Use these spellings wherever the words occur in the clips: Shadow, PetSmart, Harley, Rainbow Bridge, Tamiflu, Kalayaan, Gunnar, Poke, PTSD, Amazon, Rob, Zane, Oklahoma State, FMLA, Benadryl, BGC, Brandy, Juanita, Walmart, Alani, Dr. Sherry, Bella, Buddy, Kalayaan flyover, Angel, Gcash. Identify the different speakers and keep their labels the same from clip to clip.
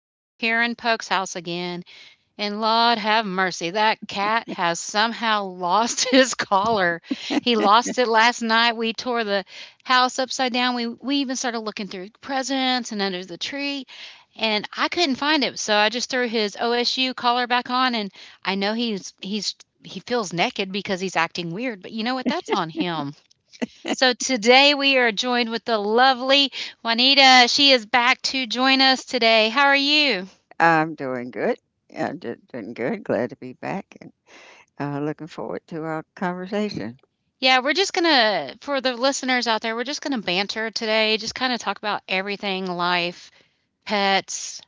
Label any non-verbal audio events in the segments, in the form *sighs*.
Speaker 1: and we're here in Poke's house again. And Lord have mercy, that cat has somehow lost *laughs* his collar. He lost it last night. We tore the house upside down. We even started looking through presents and under the tree, and I couldn't find it. So I just threw his OSU collar back on, and I know he feels naked because he's acting weird, but you know what? That's on him. So today we are joined with the lovely Juanita. She is back to join us today. How are you?
Speaker 2: I'm doing good. Doing good. Glad to be back and looking forward to our conversation.
Speaker 1: Yeah, we're just going to, for the listeners out there, we're just going to banter today, just kind of talk about everything life, pets,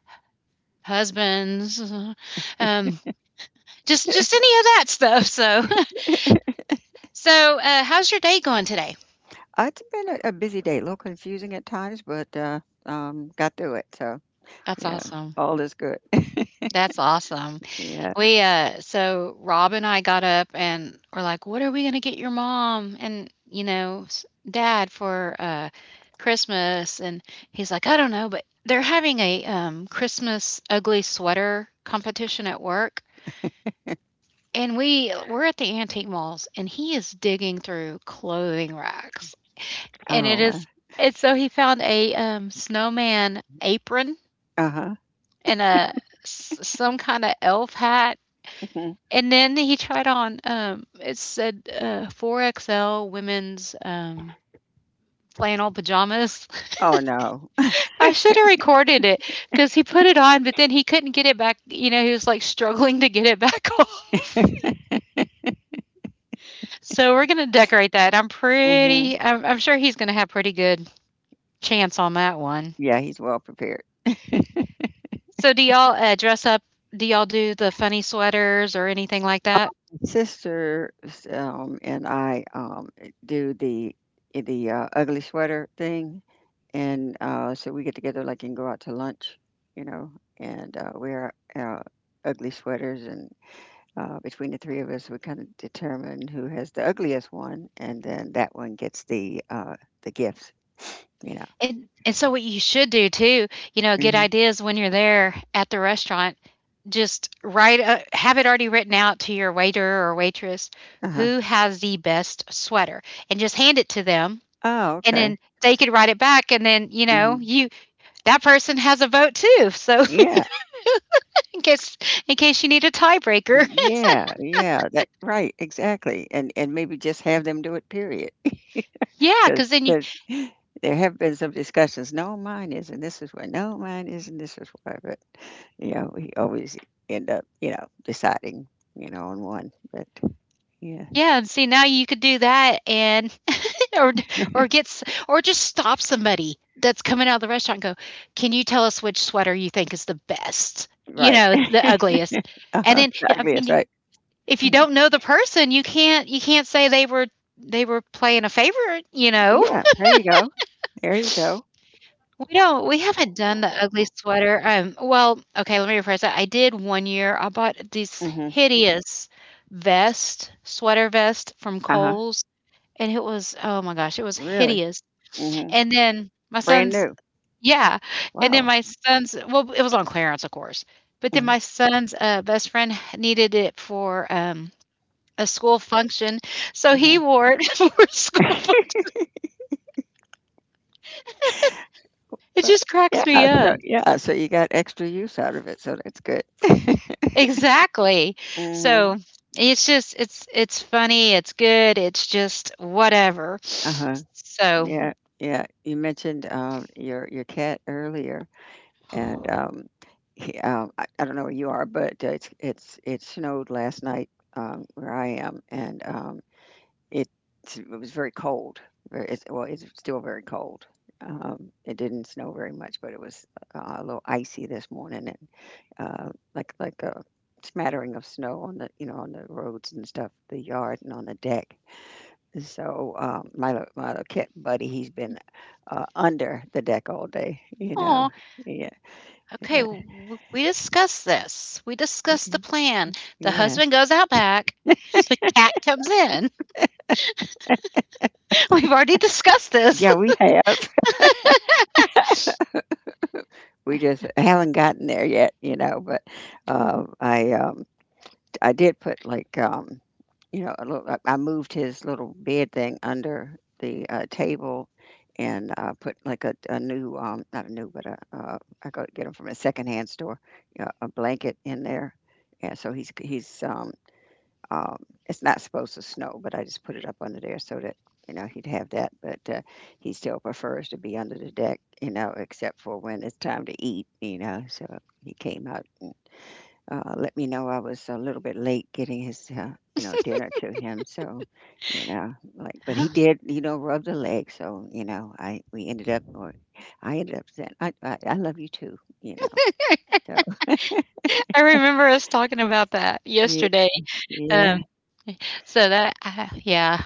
Speaker 1: husbands, um, just any of that stuff. So, *laughs* so how's your day going today?
Speaker 2: It's been a busy day, a little confusing at times, but got through it. So,
Speaker 1: That's
Speaker 2: you know,
Speaker 1: awesome.
Speaker 2: all is good. *laughs*
Speaker 1: That's awesome.
Speaker 2: Yeah.
Speaker 1: We, so Rob and I got up and were like, what are we going to get your mom and, you know, dad for Christmas? And he's like, I don't know, but they're having a Christmas ugly sweater competition at work. And we we're at the antique malls and he is digging through clothing racks. And it
Speaker 2: Oh,
Speaker 1: is and so he found a snowman apron
Speaker 2: uh huh.
Speaker 1: and a some kind of elf hat.
Speaker 2: *laughs*
Speaker 1: And then he tried on, it said, 4XL women's, flannel pajamas.
Speaker 2: Oh, no.
Speaker 1: *laughs* I should have recorded it because he put it on, but then he couldn't get it back, you know, he was, like, struggling to get it back *laughs* off. So we're gonna decorate that.
Speaker 2: *laughs* Hmm.
Speaker 1: I'm sure he's gonna have pretty good chance on that one.
Speaker 2: Yeah, he's well prepared.
Speaker 1: So do y'all, dress up, do y'all do the funny sweaters or anything like that?
Speaker 2: Sister and I do the the ugly sweater thing, and so we get together like and go out to lunch, you know, and wear our ugly sweaters, and between the three of us, we kind of determine who has the ugliest one, and then that one gets the gifts, you know.
Speaker 1: And so what you should do too, you know, good
Speaker 2: Hmm.
Speaker 1: ideas when you're there at the restaurant, have it already written out to your waiter or waitress
Speaker 2: Uh-huh.
Speaker 1: who has the best sweater and just hand it to them,
Speaker 2: Oh,
Speaker 1: and then
Speaker 2: okay.
Speaker 1: they could write it back and then, you
Speaker 2: Hmm.
Speaker 1: know, you that person has a vote too. So
Speaker 2: Yeah.
Speaker 1: *laughs* in case you need a tiebreaker. *laughs*
Speaker 2: Yeah, yeah, that right, exactly. And maybe just have them do it, period. *laughs*
Speaker 1: Yeah,
Speaker 2: Because
Speaker 1: cuz then you,
Speaker 2: there have been some discussions. No, mine isn't. This is why. No, mine isn't. This is why. But you know, we always end up, you know, deciding, you know, on one. But yeah.
Speaker 1: yeah, and see now you could do that, and or
Speaker 2: *laughs*
Speaker 1: or gets or just stop somebody that's coming out of the restaurant and go, "Can you tell us which sweater you think is the best? You
Speaker 2: Right.
Speaker 1: know, the ugliest." And
Speaker 2: Uh-huh.
Speaker 1: then
Speaker 2: The
Speaker 1: yeah, I
Speaker 2: ugliest,
Speaker 1: mean,
Speaker 2: right?
Speaker 1: if you
Speaker 2: Mhm.
Speaker 1: don't know the person, you can't say they were playing a favorite, you know.
Speaker 2: Yeah.
Speaker 1: *laughs*
Speaker 2: There you go. There you go.
Speaker 1: We haven't done the ugly sweater. Um, well, okay, let me rephrase that. I did one year. I bought this
Speaker 2: Hmm.
Speaker 1: hideous vest, sweater vest from
Speaker 2: Uh huh.
Speaker 1: Kohl's and it was oh my gosh, it was
Speaker 2: Really.
Speaker 1: hideous.
Speaker 2: Mm hmm.
Speaker 1: And then my
Speaker 2: Brand
Speaker 1: son's
Speaker 2: new.
Speaker 1: yeah, and then
Speaker 2: Wow.
Speaker 1: my son's, well, it was on clearance, of course. But then
Speaker 2: Hmm.
Speaker 1: my son's, best friend needed it for, a school function, so he
Speaker 2: Hmm.
Speaker 1: wore it *laughs* for school func
Speaker 2: *laughs*
Speaker 1: It
Speaker 2: Well,
Speaker 1: just
Speaker 2: yeah.
Speaker 1: cracks me
Speaker 2: So
Speaker 1: up.
Speaker 2: yeah. So you got extra use out of it. So that's good. *laughs*
Speaker 1: Exactly.
Speaker 2: Mm hmm.
Speaker 1: So, it's just it's funny, it's good, it's just whatever.
Speaker 2: Uh huh.
Speaker 1: So
Speaker 2: Yeah, yeah. You mentioned your cat earlier, and
Speaker 1: *sighs*
Speaker 2: I don't know where you are, but it snowed last night where I am, and it it was very cold. Very, it's, well, it's still very cold. It didn't snow very much, but it was a little icy this morning, and like a smattering of snow on the you know on the roads and stuff, the yard and on the deck. So, my little cat buddy, he's been, under the deck all day, you
Speaker 1: aw.
Speaker 2: know. Yeah,
Speaker 1: Okay,
Speaker 2: yeah,
Speaker 1: we discussed this. We discussed the plan. The
Speaker 2: yeah.
Speaker 1: husband goes out back. *laughs* The cat comes in. *laughs* We've already discussed this.
Speaker 2: Yeah, we
Speaker 1: *laughs*
Speaker 2: have. *laughs* We just haven't gotten there yet, you know, but, um, I, um I did put, like, you know, a little I moved his little bed thing under the, table and, put, like, a new, not a new, but a I go get 'em from a secondhand store, yeah, a blanket in there, and so he's, Um, it's not supposed to snow, but I just put it up under there so that you know he'd have that. But he still prefers to be under the deck, you know, except for when it's time to eat, you know. So he came out and let me know I was a little bit late getting his, you know, dinner to him. So, you know, like, but
Speaker 1: Huh?
Speaker 2: he did, you know, rub the leg. So, you know, I we ended up, or I ended up saying, I love you too, you know. So
Speaker 1: I remember us talking about that
Speaker 2: *laughs* yeah,
Speaker 1: yesterday.
Speaker 2: yeah.
Speaker 1: Um, so that, yeah,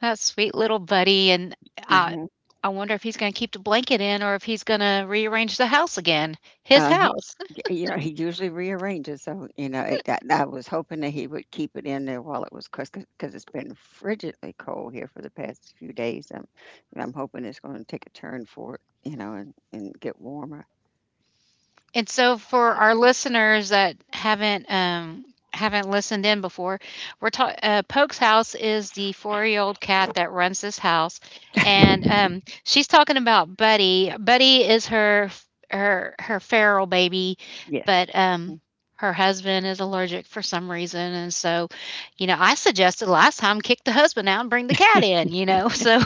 Speaker 1: that sweet little buddy. And I,
Speaker 2: Hmm.
Speaker 1: I wonder if he's going to keep the blanket in or if he's going to rearrange the house again. His
Speaker 2: Uh,
Speaker 1: house.
Speaker 2: you know, he usually rearranges, so, you know, it that I was hoping that he would keep it in there while it was because 'cause 'cause it's been frigidly cold here for the past few days, and I'm hoping it's gonna take a turn for it, you know, and get warmer.
Speaker 1: And so for our listeners that haven't listened in before, we're talking Poke's house is the four-year-old cat that runs this house, and um, she's talking about Buddy. Buddy is her her feral baby,
Speaker 2: Yes.
Speaker 1: but um, her husband is allergic for some reason and so you know I suggested last time kick the husband out and bring the cat in, you know. *laughs* So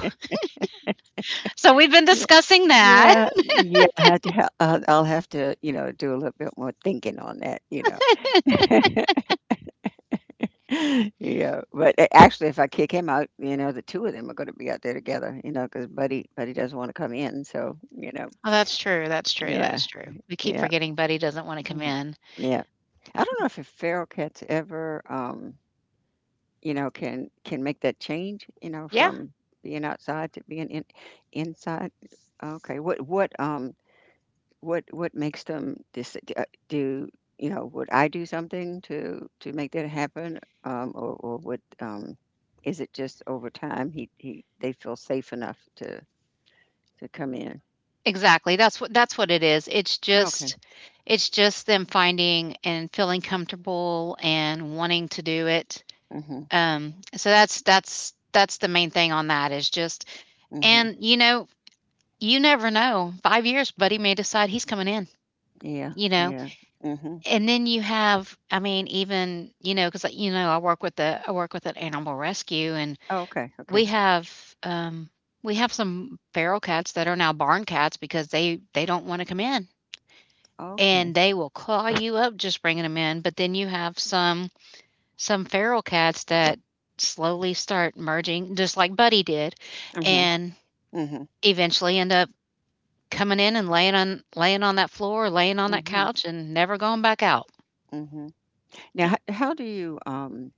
Speaker 1: so we've been
Speaker 2: Yeah.
Speaker 1: discussing that.
Speaker 2: Yeah, I'll have to, you know, do a little bit more thinking on that, you know. *laughs* Yeah, but a actually, if I kick him out, you know, the 2 of them are gonna be out there together, you know, because Buddy doesn't wanna come in, so, you know.
Speaker 1: Oh, that's true, that's true,
Speaker 2: Yeah,
Speaker 1: that's true. We keep
Speaker 2: yeah.
Speaker 1: forgetting Buddy doesn't wanna come
Speaker 2: Mhm.
Speaker 1: in.
Speaker 2: Yeah. I don't know if a feral cats ever, you know, can make that change, you know,
Speaker 1: Yeah,
Speaker 2: from being outside to being in inside. Okay. What what makes them dis d- do you know, would I do something to make that happen? Or would is it just over time he they feel safe enough to come in?
Speaker 1: exactly, that's what it is.
Speaker 2: Okay.
Speaker 1: It's just them finding and feeling comfortable and wanting to do it.
Speaker 2: Mhm.
Speaker 1: So that's the main thing on that is just,
Speaker 2: Mhm.
Speaker 1: and, you know, you never know. 5 years, Buddy may decide he's coming in,
Speaker 2: Yeah.
Speaker 1: you know?
Speaker 2: Yeah. Mhm.
Speaker 1: And then you have, I mean, even, you know, because you know, I work with the I work with an animal rescue, and
Speaker 2: Okay. Okay.
Speaker 1: we have, we have some feral cats that are now barn cats because they don't wanna come in, and
Speaker 2: Okay.
Speaker 1: they will claw you up just bringing them in, but then you have some feral cats that slowly start merging, just like Buddy did,
Speaker 2: Mhm.
Speaker 1: and
Speaker 2: Mm.
Speaker 1: eventually end up coming in and laying on that floor, laying on
Speaker 2: Mhm,
Speaker 1: that
Speaker 2: mhm,
Speaker 1: couch, and never going back out.
Speaker 2: mhm. Now, ho how do you,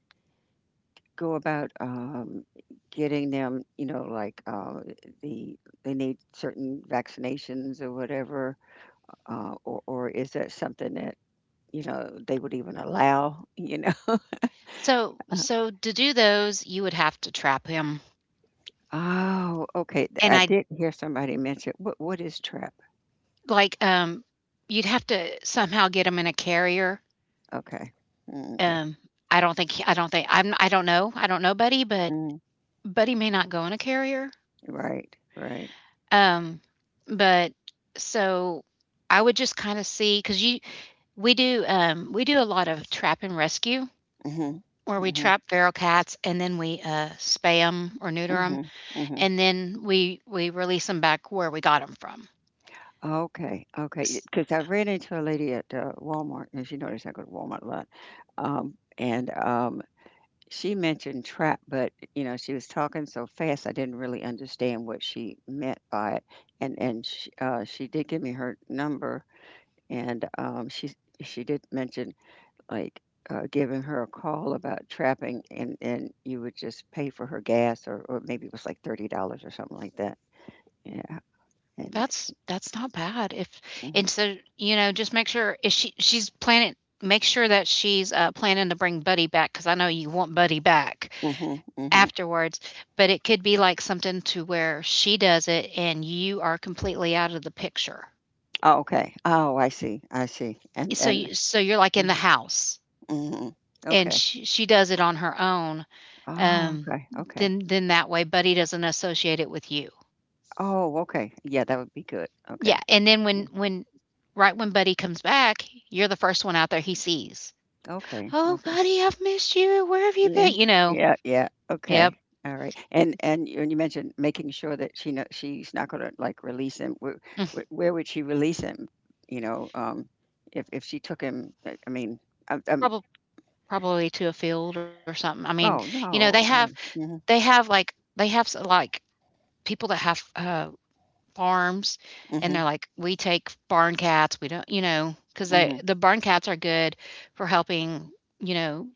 Speaker 2: go about, getting them, you know, like, the they need certain vaccinations or whatever, or is that something that, you know, they would even allow, you know?
Speaker 1: So
Speaker 2: *laughs*
Speaker 1: so to do those, you would have to trap him,
Speaker 2: Oh, okay, th
Speaker 1: and
Speaker 2: I
Speaker 1: I
Speaker 2: did hear somebody mention what is trap.
Speaker 1: like, you'd have to somehow get him in a carrier.
Speaker 2: Okay. Mm, okay.
Speaker 1: Um, I don't know. I don't know Buddy, but
Speaker 2: Mm,
Speaker 1: Buddy may not go in a carrier.
Speaker 2: right, right.
Speaker 1: Um, but so I would just kind of see because you we do a lot of trap and rescue
Speaker 2: Mhm,
Speaker 1: where
Speaker 2: Mm
Speaker 1: we
Speaker 2: mhm,
Speaker 1: trap feral cats and then we spay them or neuter them
Speaker 2: mhm, mhm.
Speaker 1: and then we release them back where we got them from.
Speaker 2: Okay, okay, because I ran into a lady at, Walmart, and as you notice, I go to Walmart a lot, and, she mentioned trap, but, you know, she was talking so fast, I didn't really understand what she meant by it, and she did give me her number, and, she's she did mention, like, giving her a call about trapping, and you would just pay for her gas or maybe it was like $30 or something like that. Yeah, and
Speaker 1: That's not bad if,
Speaker 2: mhm,
Speaker 1: and so, you know, just make sure if she's planning, make sure that she's, planning to bring Buddy back because I know you want Buddy back
Speaker 2: mhm, mhm.
Speaker 1: afterwards, but it could be like something to where she does it and you are completely out of the picture.
Speaker 2: Oh, okay. Oh, I see, I see.
Speaker 1: So
Speaker 2: And
Speaker 1: you you're like in the
Speaker 2: mhm,
Speaker 1: house
Speaker 2: mhm.
Speaker 1: and
Speaker 2: Okay.
Speaker 1: she does it on her own,
Speaker 2: Oh,
Speaker 1: um,
Speaker 2: okay, okay.
Speaker 1: then that way Buddy doesn't associate it with you.
Speaker 2: Oh, okay. Yeah, that would be good.
Speaker 1: Yeah,
Speaker 2: Okay.
Speaker 1: and then
Speaker 2: Mm,
Speaker 1: when right when Buddy comes back, you're the first one out there he sees.
Speaker 2: Okay,
Speaker 1: "Oh,
Speaker 2: okay.
Speaker 1: Buddy, I've missed you. Where have you
Speaker 2: Yeah,
Speaker 1: been?" You know?
Speaker 2: yeah, yeah.
Speaker 1: Yep.
Speaker 2: Okay. All right. And you, and you mentioned making sure that she know she's not gonna like release him.
Speaker 1: *laughs*
Speaker 2: Where would she release him? You know, if she took him, I mean, um, um,
Speaker 1: Probably probably to a field or something. I mean,
Speaker 2: oh
Speaker 1: you know,
Speaker 2: no, no.
Speaker 1: they have, like, they have s like people that have farms and
Speaker 2: Hmm.
Speaker 1: they're like we take barn cats, we don't, you know, because
Speaker 2: Hmm.
Speaker 1: the barn cats are good for helping, you know,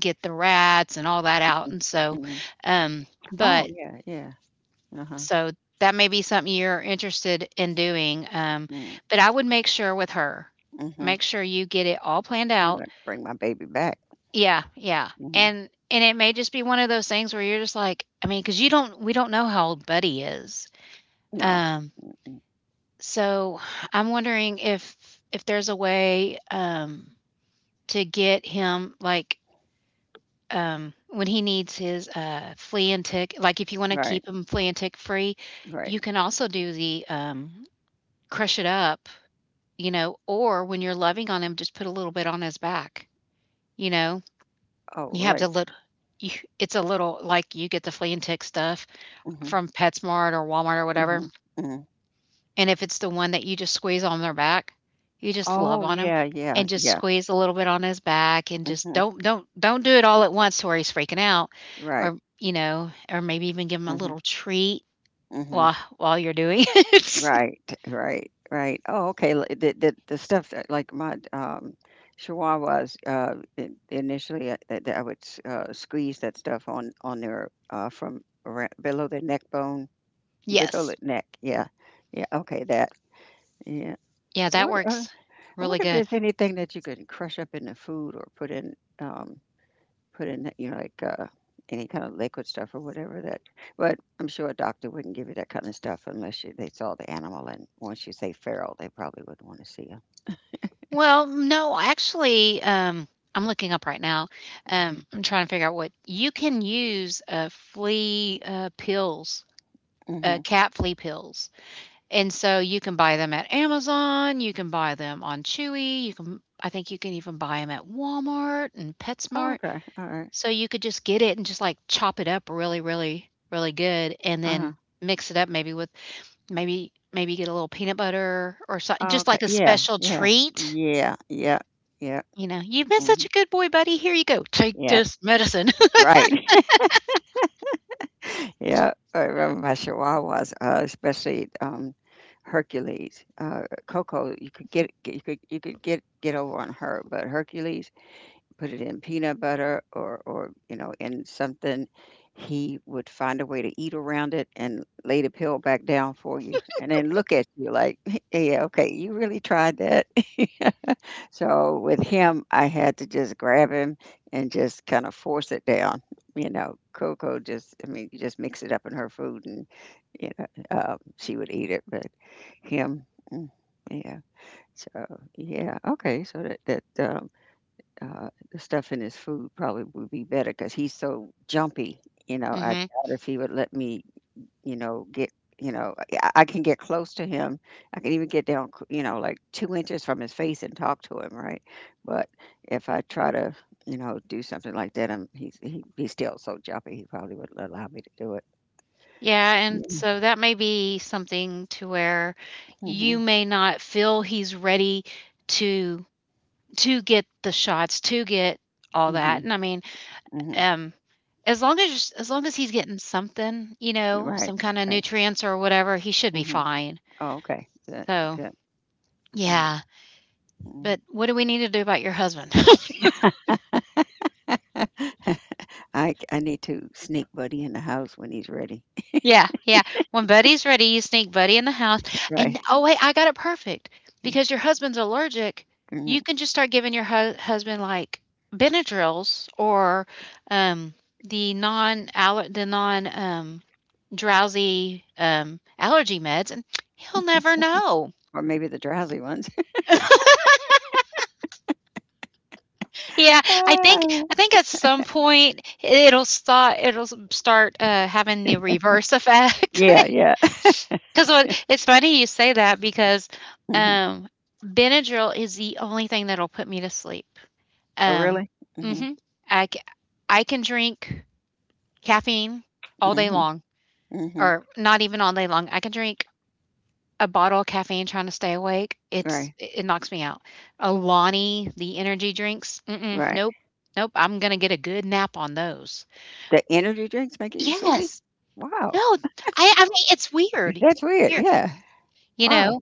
Speaker 1: get the rats and all that out,
Speaker 2: Hmm.
Speaker 1: and so
Speaker 2: Hmm.
Speaker 1: um,
Speaker 2: Oh
Speaker 1: but
Speaker 2: yeah, yeah. Uh-huh.
Speaker 1: so that may be something you're interested in doing, um,
Speaker 2: Mm,
Speaker 1: but I would make sure with her,
Speaker 2: Mm-hmm.
Speaker 1: make sure you get it all planned
Speaker 2: I'm gonna
Speaker 1: out.
Speaker 2: bring my baby back.
Speaker 1: Yeah, yeah.
Speaker 2: Mhm.
Speaker 1: And it may just be one of those things where you're just like, I mean, cuz you don't we don't know how old Buddy is.
Speaker 2: No.
Speaker 1: Um, so I'm wondering if there's a way, to get him like, when he needs his flea and tick, like if you want to
Speaker 2: Right,
Speaker 1: keep him flea and tick free,
Speaker 2: right.
Speaker 1: you can also do the crush it up, you know, or when you're loving on him, just put a little bit on his back, you know.
Speaker 2: Oh,
Speaker 1: You have the
Speaker 2: like
Speaker 1: little. You, it's a little, like you get the flea and tick stuff
Speaker 2: mhm,
Speaker 1: from PetSmart or Walmart or whatever.
Speaker 2: mhm, mhm.
Speaker 1: And if it's the one that you just squeeze on their back, you just love
Speaker 2: Oh,
Speaker 1: on him
Speaker 2: yeah, yeah,
Speaker 1: and just
Speaker 2: yeah.
Speaker 1: squeeze a little bit on his back, and just
Speaker 2: Mhm.
Speaker 1: don't do it all at once to where he's freaking out,
Speaker 2: Right.
Speaker 1: or you know, or maybe even give him a
Speaker 2: Mhm,
Speaker 1: little treat
Speaker 2: mhm.
Speaker 1: while you're doing *laughs* it.
Speaker 2: Right, right, right. Oh, okay. The stuff that like my chihuahuas initially that I would squeeze that stuff on their from around, below their neck bone, below
Speaker 1: Yes.
Speaker 2: the neck. Yeah. Yeah, okay, that. Yeah.
Speaker 1: Yeah, that
Speaker 2: What
Speaker 1: works
Speaker 2: I
Speaker 1: really
Speaker 2: wonder if
Speaker 1: good.
Speaker 2: there's anything that you can crush up into food or put in, put in, you know, like any kind of liquid stuff or whatever that. But I'm sure a doctor wouldn't give you that kind of stuff unless you, they saw the animal. And once you say feral, they probably wouldn't want to see you.
Speaker 1: Well, no, actually, I'm looking up right now.
Speaker 2: Hmm.
Speaker 1: I'm trying to figure out what you can use, flea, pills,
Speaker 2: Hmm.
Speaker 1: cat flea pills. And so you can buy them at Amazon, you can buy them on Chewy, you can I think you can even buy them at Walmart and
Speaker 2: Oh,
Speaker 1: PetSmart.
Speaker 2: okay. All right.
Speaker 1: So you could just get it and just, like, chop it up really, really, really good and
Speaker 2: Uh
Speaker 1: then
Speaker 2: huh.
Speaker 1: mix it up maybe with maybe maybe get a little peanut butter or so,
Speaker 2: Oh,
Speaker 1: just
Speaker 2: okay.
Speaker 1: like a
Speaker 2: Yeah.
Speaker 1: special
Speaker 2: Yeah.
Speaker 1: treat,
Speaker 2: Yeah. Yeah. Yeah.
Speaker 1: you know, "You've been such
Speaker 2: Hmm.
Speaker 1: a good boy, buddy. Here you go. Take
Speaker 2: Yeah.
Speaker 1: this medicine." *laughs*
Speaker 2: Right. Yeah, I remember my Chihuahuas, especially Hercules. Coco, you could get over on her, but Hercules, put it in peanut butter or you know in something, he would find a way to eat around it and lay the pill back down for you, and then look at you like, *laughs* yeah, okay, you really tried that. *laughs* So with him, I had to just grab him and just kind of force it down. You know, Coco just, I mean, you just mix it up in her food and, you know, she would eat it, but him, mm, yeah. So, yeah, okay. So that, the stuff in his food probably would be better because he's so jumpy. You know, I
Speaker 1: Mhm.
Speaker 2: doubt if he would let me you know, get, you know, I can get close to him. I can even get down, you know, like 2 inches from his face and talk to him, right? But if I try to, you know, do something like that, he's still so jumpy, he probably wouldn't allow me to do it.
Speaker 1: Yeah, and
Speaker 2: Yeah.
Speaker 1: so that may be something to where you
Speaker 2: Hmm.
Speaker 1: may not feel he's ready to to get the shots, to get all
Speaker 2: Hmm.
Speaker 1: that. And I mean,
Speaker 2: Hmm.
Speaker 1: um, as long as he's getting something, you know,
Speaker 2: Right.
Speaker 1: some kind of
Speaker 2: Okay.
Speaker 1: nutrients or whatever, he should be
Speaker 2: Hmm.
Speaker 1: fine.
Speaker 2: Oh, okay. Good,
Speaker 1: So
Speaker 2: good, good.
Speaker 1: yeah.
Speaker 2: Mhm.
Speaker 1: But what do we need to do about your husband?
Speaker 2: *laughs* I need to sneak Buddy in the house when he's ready.
Speaker 1: Yeah, yeah. When Buddy's ready, you sneak Buddy in the house.
Speaker 2: *laughs* Right.
Speaker 1: And oh, wait, I got it perfect. Because your husband's allergic, you
Speaker 2: Mhm.
Speaker 1: can just start giving your husband like Benadryls or um, the non aller the non drowsy allergy meds, and he'll never know.
Speaker 2: Or maybe the drowsy ones.
Speaker 1: *laughs* Yeah,
Speaker 2: *laughs*
Speaker 1: I think
Speaker 2: Ah,
Speaker 1: I think at some point it'll start having the reverse *laughs* effect.
Speaker 2: yeah, yeah.
Speaker 1: Because what it's funny you say that because,
Speaker 2: *laughs*
Speaker 1: um, Benadryl is the only thing that'll put me to sleep.
Speaker 2: Oh,
Speaker 1: Um,
Speaker 2: really? Mhm,
Speaker 1: mhm. I c I can drink caffeine all day
Speaker 2: mhm,
Speaker 1: long,
Speaker 2: mhm.
Speaker 1: or not even all day long. I can drink a bottle of caffeine trying to stay awake. It's
Speaker 2: Right,
Speaker 1: it it knocks me out. Alani, the energy drinks, mm-mm,
Speaker 2: right.
Speaker 1: nope, nope. I'm gonna get a good nap on those.
Speaker 2: The energy drinks make you sleepy?
Speaker 1: Yes. No,
Speaker 2: Wow,
Speaker 1: I mean, it's weird.
Speaker 2: *laughs* that's
Speaker 1: It's
Speaker 2: weird.
Speaker 1: weird,
Speaker 2: Yeah.
Speaker 1: you
Speaker 2: Wow.
Speaker 1: know?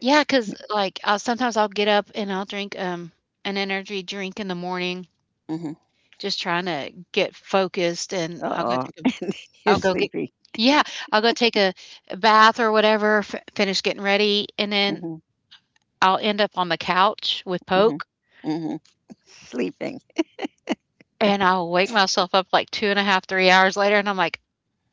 Speaker 1: Yeah, cause like, I'll get up and I'll drink, an energy drink in the morning,
Speaker 2: Mhm.
Speaker 1: just trying to get focused, and I'll go
Speaker 2: Uh-oh.
Speaker 1: take a
Speaker 2: *laughs* You're
Speaker 1: I'll go get
Speaker 2: sleepy.
Speaker 1: Yeah, I'll go take a bath or whatever, f finish getting ready, and then
Speaker 2: Mhm,
Speaker 1: I'll end up on the couch with
Speaker 2: mhm,
Speaker 1: Poke,
Speaker 2: mhm. Sleeping.
Speaker 1: and I'll wake myself up, like, 2 and a half 3 hours later, and I'm like,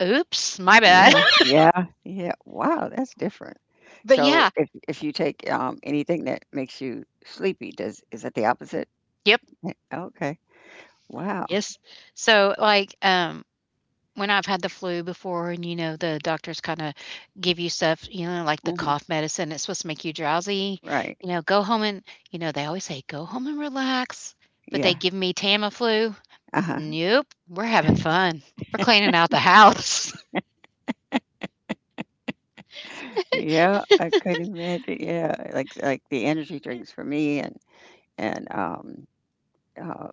Speaker 1: "Oops, my bad."
Speaker 2: Yeah,
Speaker 1: *laughs*
Speaker 2: yeah, yeah. Wow, that's different.
Speaker 1: But
Speaker 2: So
Speaker 1: yeah.
Speaker 2: if you take anything that makes you sleepy, does is that the opposite?
Speaker 1: Yep.
Speaker 2: Eh, okay. Wow.
Speaker 1: Yes. So, like, when I've had the flu before and, you know, the doctors kinda give you stuff, you know, like the
Speaker 2: Mhm.
Speaker 1: cough medicine, it's supposed to make you drowsy,
Speaker 2: Right.
Speaker 1: you know, go home and you know, they always say, "Go home and relax," but they
Speaker 2: Yeah.
Speaker 1: give me Tamiflu.
Speaker 2: Uh-huh.
Speaker 1: Nope, we're having fun. We're cleaning out the house. *laughs*
Speaker 2: Yeah, I could imagine, yeah, like the energy drinks for me and, uh,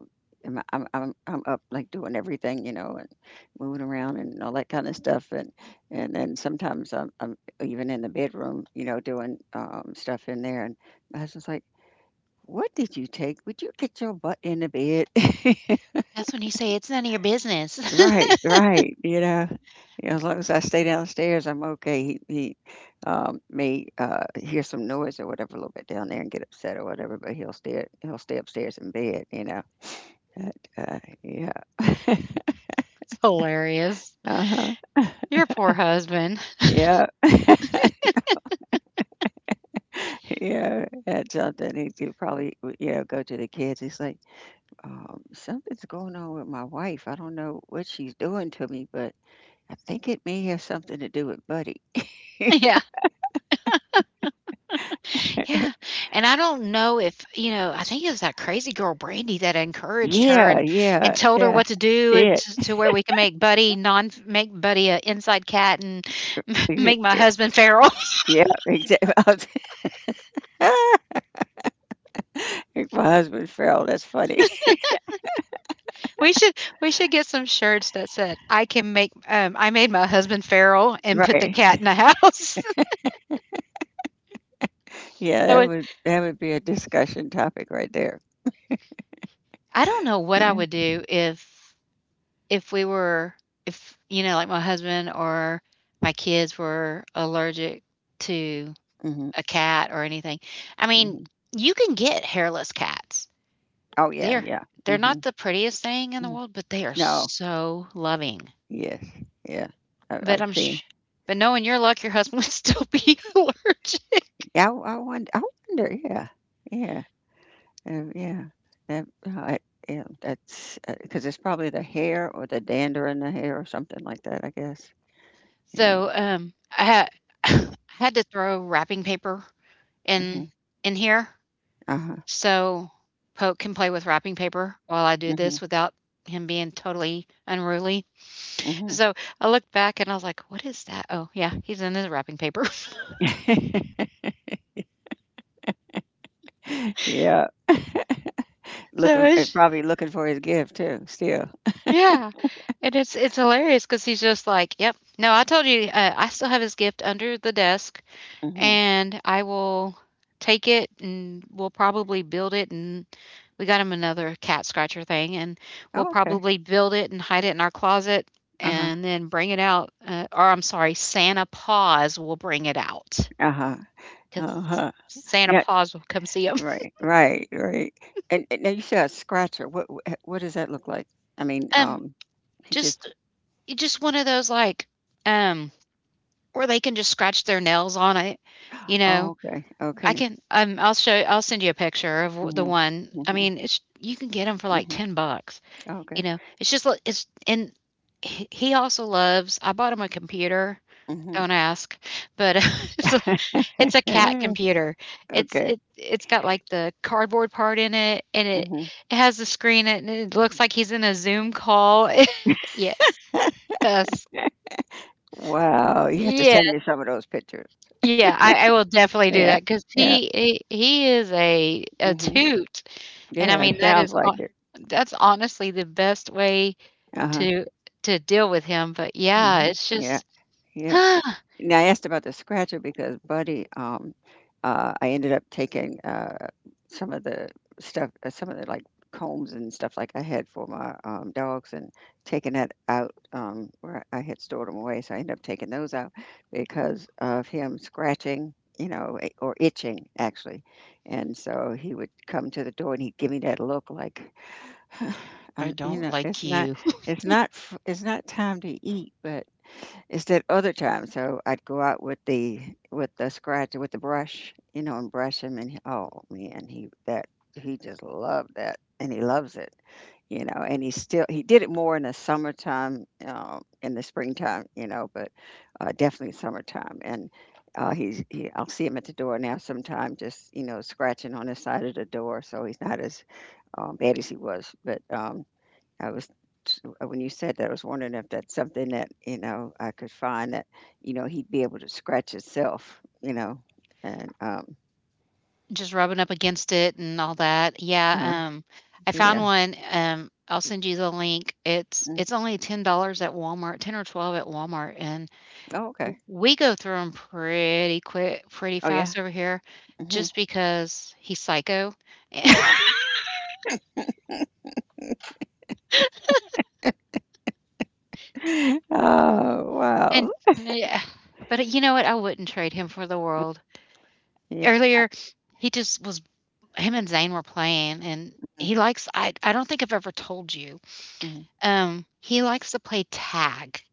Speaker 2: I'm up, like, doing everything, you know, and moving around and all that kinda stuff, and then sometimes I'm even in the bedroom, you know, doing, stuff in there, and my husband's like, "What did you take? Would you get your butt in the bed?" *laughs*
Speaker 1: That's when you say, "It's none of your business." *laughs*
Speaker 2: Right, right. You know, as long as I stay downstairs, I'm okay. He may hear some noise or whatever a little bit down there and get upset or whatever, but he'll stay upstairs in bed. You know, but, yeah,
Speaker 1: It's hilarious.
Speaker 2: uh huh,
Speaker 1: Your poor husband.
Speaker 2: yeah, *laughs* yeah. That's something he will probably you know go to the kids. He's like, something's going on with my wife. I don't know what she's doing to me, but I think it may have something to do with Buddy. *laughs*
Speaker 1: *laughs* Yeah. Yeah, and I don't know if you know, I think it was that crazy girl Brandy that encouraged her
Speaker 2: Yeah, yeah,
Speaker 1: and told her
Speaker 2: yeah.
Speaker 1: what to do and t to where we can make Buddy a inside cat and *laughs*
Speaker 2: Yeah,
Speaker 1: make my
Speaker 2: *laughs*
Speaker 1: husband feral. *laughs*
Speaker 2: yeah, exactly. *laughs* My husband fell. That's funny. *laughs*
Speaker 1: We should we should get some shirts that said, "I can make, I made my husband feral and put the cat
Speaker 2: Right.
Speaker 1: in the house." *laughs*
Speaker 2: Yeah,
Speaker 1: So
Speaker 2: that
Speaker 1: it
Speaker 2: would that would be a discussion topic right there.
Speaker 1: I don't know what I
Speaker 2: Yeah.
Speaker 1: would do if we were if, you know, like, my husband or my kids were allergic to
Speaker 2: Hmm.
Speaker 1: a cat or anything. I mean,
Speaker 2: Hmm.
Speaker 1: you can get hairless cats.
Speaker 2: Oh yeah,
Speaker 1: They're
Speaker 2: yeah.
Speaker 1: they're
Speaker 2: Hmm.
Speaker 1: not the prettiest thing in the world, but they are
Speaker 2: No.
Speaker 1: so loving.
Speaker 2: Yes. Yeah. I,
Speaker 1: But
Speaker 2: I've
Speaker 1: I'm
Speaker 2: seen.
Speaker 1: sh but knowing your luck, your husband *laughs* would still be *laughs* allergic.
Speaker 2: Yeah. I wonder. I wonder. Yeah. Yeah. Um, yeah. That. uh, I, yeah. That's because it's probably the hair or the dander in the hair or something like that, I guess. Yeah.
Speaker 1: So, I had *laughs* *coughs* I had to throw wrapping paper
Speaker 2: Hmm.
Speaker 1: in in here,
Speaker 2: Uh huh.
Speaker 1: so Pope can play with wrapping paper while I do this without him being totally unruly.
Speaker 2: Hmm.
Speaker 1: So, I looked back and I was like, "What is that?" Oh, yeah, he's in his wrapping paper. *laughs*
Speaker 2: Hmm. *laughs* Yeah.
Speaker 1: So
Speaker 2: Looking
Speaker 1: it's
Speaker 2: probably looking for his gift too, still.
Speaker 1: yeah, and it's hilarious because he's just like, "Yep, no, I told you, I still have his gift under the desk,
Speaker 2: Mhm.
Speaker 1: and I will take it, and we'll probably build it," and we got him another cat scratcher thing, and we'll
Speaker 2: Oh, okay.
Speaker 1: probably build it and hide it in our closet
Speaker 2: Uh-huh.
Speaker 1: and then bring it out, or I'm sorry, Santa Paws will bring it out
Speaker 2: Uh-huh.
Speaker 1: because
Speaker 2: Uh-huh.
Speaker 1: Santa
Speaker 2: Now
Speaker 1: Paws will come see him. *laughs*
Speaker 2: right, right, right. And now you said a scratcher. What does that look like? I mean,
Speaker 1: Um,
Speaker 2: he just.
Speaker 1: just just one of those, like, um or they can just scratch their nails on it, you know?
Speaker 2: Oh, okay.
Speaker 1: I
Speaker 2: Okay.
Speaker 1: can I'll send you a picture of w the
Speaker 2: Mhm.
Speaker 1: one. I
Speaker 2: Mhm.
Speaker 1: mean, it's you can get them for, like,
Speaker 2: Mhm.
Speaker 1: 10 bucks, you
Speaker 2: Okay.
Speaker 1: know? It's just li it's and he also loves I bought him a computer,
Speaker 2: Mhm.
Speaker 1: don't ask, but *laughs* it's a it's a cat
Speaker 2: *laughs*
Speaker 1: computer. It's
Speaker 2: Okay.
Speaker 1: it it's got, like, the cardboard part in it, and
Speaker 2: Mhm.
Speaker 1: it has the screen, and it looks like he's in a Zoom call. *laughs* Yes, yes.
Speaker 2: Wow, you have to send
Speaker 1: Yes.
Speaker 2: me some of those pictures.
Speaker 1: Yeah, I will definitely do
Speaker 2: Yeah.
Speaker 1: that 'cause
Speaker 2: Yeah.
Speaker 1: he is a
Speaker 2: Mhm.
Speaker 1: toot, and I
Speaker 2: Yeah,
Speaker 1: mean,
Speaker 2: sounds like it.
Speaker 1: that's honestly the best way
Speaker 2: Uh-huh.
Speaker 1: to deal with him, but yeah,
Speaker 2: Mhm.
Speaker 1: it's
Speaker 2: Yeah.
Speaker 1: just, *sighs*
Speaker 2: Yeah.
Speaker 1: "I
Speaker 2: And I asked about the scratcher because, buddy, I ended up taking some of the stuff, some of the like combs and stuff like I had for my dogs, and taking that out, where I had stored them away. So I ended up taking those out because of him scratching, you know, or itching actually. And so he would come to the door and he'd give me that look like, *sighs* you
Speaker 1: don't
Speaker 2: know,
Speaker 1: like you." *laughs*
Speaker 2: it's not, it's not time to eat, but instead other times, so I'd go out with the, with the scratch with the brush, you know, and brush him, and he, oh, man, he that he just loved that, and he loves it, you know, and he did it more in the summertime, in the springtime, you know, but definitely summertime, and he, I'll see him at the door now sometime, just you know, scratching on the side of the door, so he's not as bad as he was, but I was when you said that, I was wondering if that's something that, you know, I could find that, you know, he'd be able to scratch himself, you know, and
Speaker 1: Just rubbing up against it and all that.
Speaker 2: uh,
Speaker 1: Yeah, um, I found
Speaker 2: yeah.
Speaker 1: one, I'll send you the link. It's
Speaker 2: Mm.
Speaker 1: it's only $10 at Walmart, 10 or 12 at Walmart, and
Speaker 2: Oh, okay.
Speaker 1: W we go through him pretty
Speaker 2: Oh, yeah.
Speaker 1: fast over here
Speaker 2: Hmm.
Speaker 1: just because he's psycho. *laughs*
Speaker 2: *laughs* Oh,
Speaker 1: And
Speaker 2: wow.
Speaker 1: yeah, but you know what? I wouldn't trade him for the world.
Speaker 2: Yeah.
Speaker 1: Earlier, he just was him and Zane were playing, and
Speaker 2: Mm,
Speaker 1: he likes I don't think I've ever told you,
Speaker 2: mm,
Speaker 1: he likes to play tag.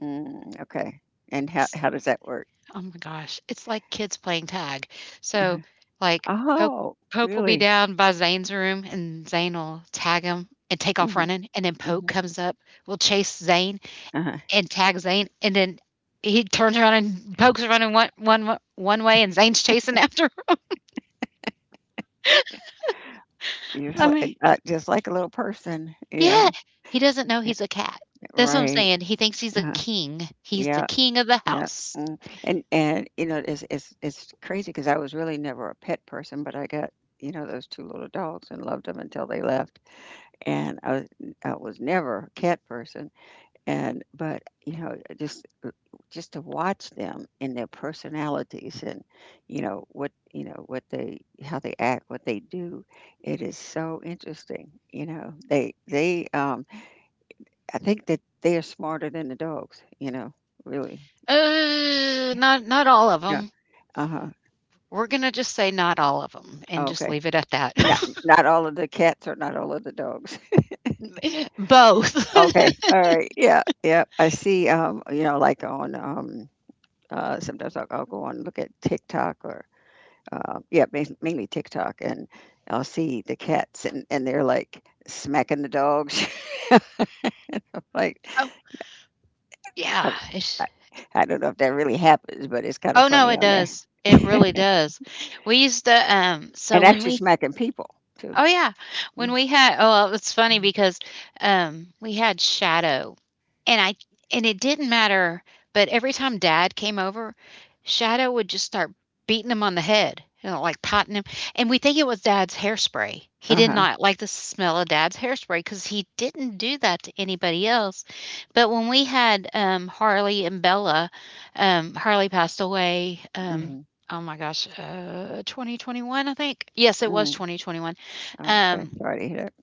Speaker 2: mm, okay. And how does that work?
Speaker 1: Oh my gosh, it's like kids playing tag. So,
Speaker 2: Uh-huh.
Speaker 1: like, Poke
Speaker 2: Oh,
Speaker 1: Poke will be
Speaker 2: really?
Speaker 1: down by Zane's room, and Zane will tag him and take off
Speaker 2: Hmm.
Speaker 1: running, and then Poke
Speaker 2: Hmm.
Speaker 1: comes up, will chase Zane
Speaker 2: Uh-huh.
Speaker 1: and tag Zane, and then he turns around and Poke's running one way, and Zane's chasing after him.
Speaker 2: You're
Speaker 1: *laughs* I mean,
Speaker 2: just like a little person.
Speaker 1: yeah,
Speaker 2: Yeah.
Speaker 1: he doesn't know he's a cat. That's what I'm
Speaker 2: Right.
Speaker 1: saying. He thinks he's a
Speaker 2: Uh-huh.
Speaker 1: king. He's the
Speaker 2: Yeah.
Speaker 1: king of the
Speaker 2: Yeah.
Speaker 1: house.
Speaker 2: Mm. And you know, it's crazy because I was really never a pet person, but I got, you know, those two little dogs and loved them until they left. And I was never a cat person, and but you know just to watch them and their personalities and you know what, you know what they, how they act, what they do, it is so interesting, you know. They I think that they are smarter than the dogs, you know. Really?
Speaker 1: Not not all of
Speaker 2: Yeah.
Speaker 1: them.
Speaker 2: Uh-huh.
Speaker 1: We're gonna just say not all of them, and
Speaker 2: Oh,
Speaker 1: just
Speaker 2: okay.
Speaker 1: leave it at that.
Speaker 2: Not
Speaker 1: *laughs*
Speaker 2: not all of the cats or not all of the dogs? *laughs*
Speaker 1: Both. *laughs*
Speaker 2: Okay. All right. Yeah. Yeah. I see. You know, like on sometimes I'll go on and look at TikTok or mainly TikTok, and I'll see the cats, and they're like smacking the dogs. *laughs* Like
Speaker 1: Oh, yeah.
Speaker 2: I,
Speaker 1: It's
Speaker 2: I, I don't know if that really happens, but it's kind of
Speaker 1: oh, no,
Speaker 2: funny
Speaker 1: it
Speaker 2: on there.
Speaker 1: does. It really
Speaker 2: *laughs*
Speaker 1: does. We used to, so
Speaker 2: And
Speaker 1: when
Speaker 2: actually
Speaker 1: we
Speaker 2: smacking people too.
Speaker 1: Oh, yeah. When
Speaker 2: Mm.
Speaker 1: we had oh, well, it's funny because, we had Shadow, and I and it didn't matter, but every time Dad came over, Shadow would just start beating him on the head, you know, like patting him, and we think it was Dad's hairspray. He
Speaker 2: Uh
Speaker 1: did
Speaker 2: huh.
Speaker 1: not like the smell of Dad's hairspray because he didn't do that to anybody else. But when we had, Harley and Bella, Harley passed away,
Speaker 2: Mm-hmm.
Speaker 1: oh my gosh, 2021, I think? Yes, it was
Speaker 2: Mm.
Speaker 1: 2021.
Speaker 2: Okay.
Speaker 1: Um,
Speaker 2: Sorry to hear that.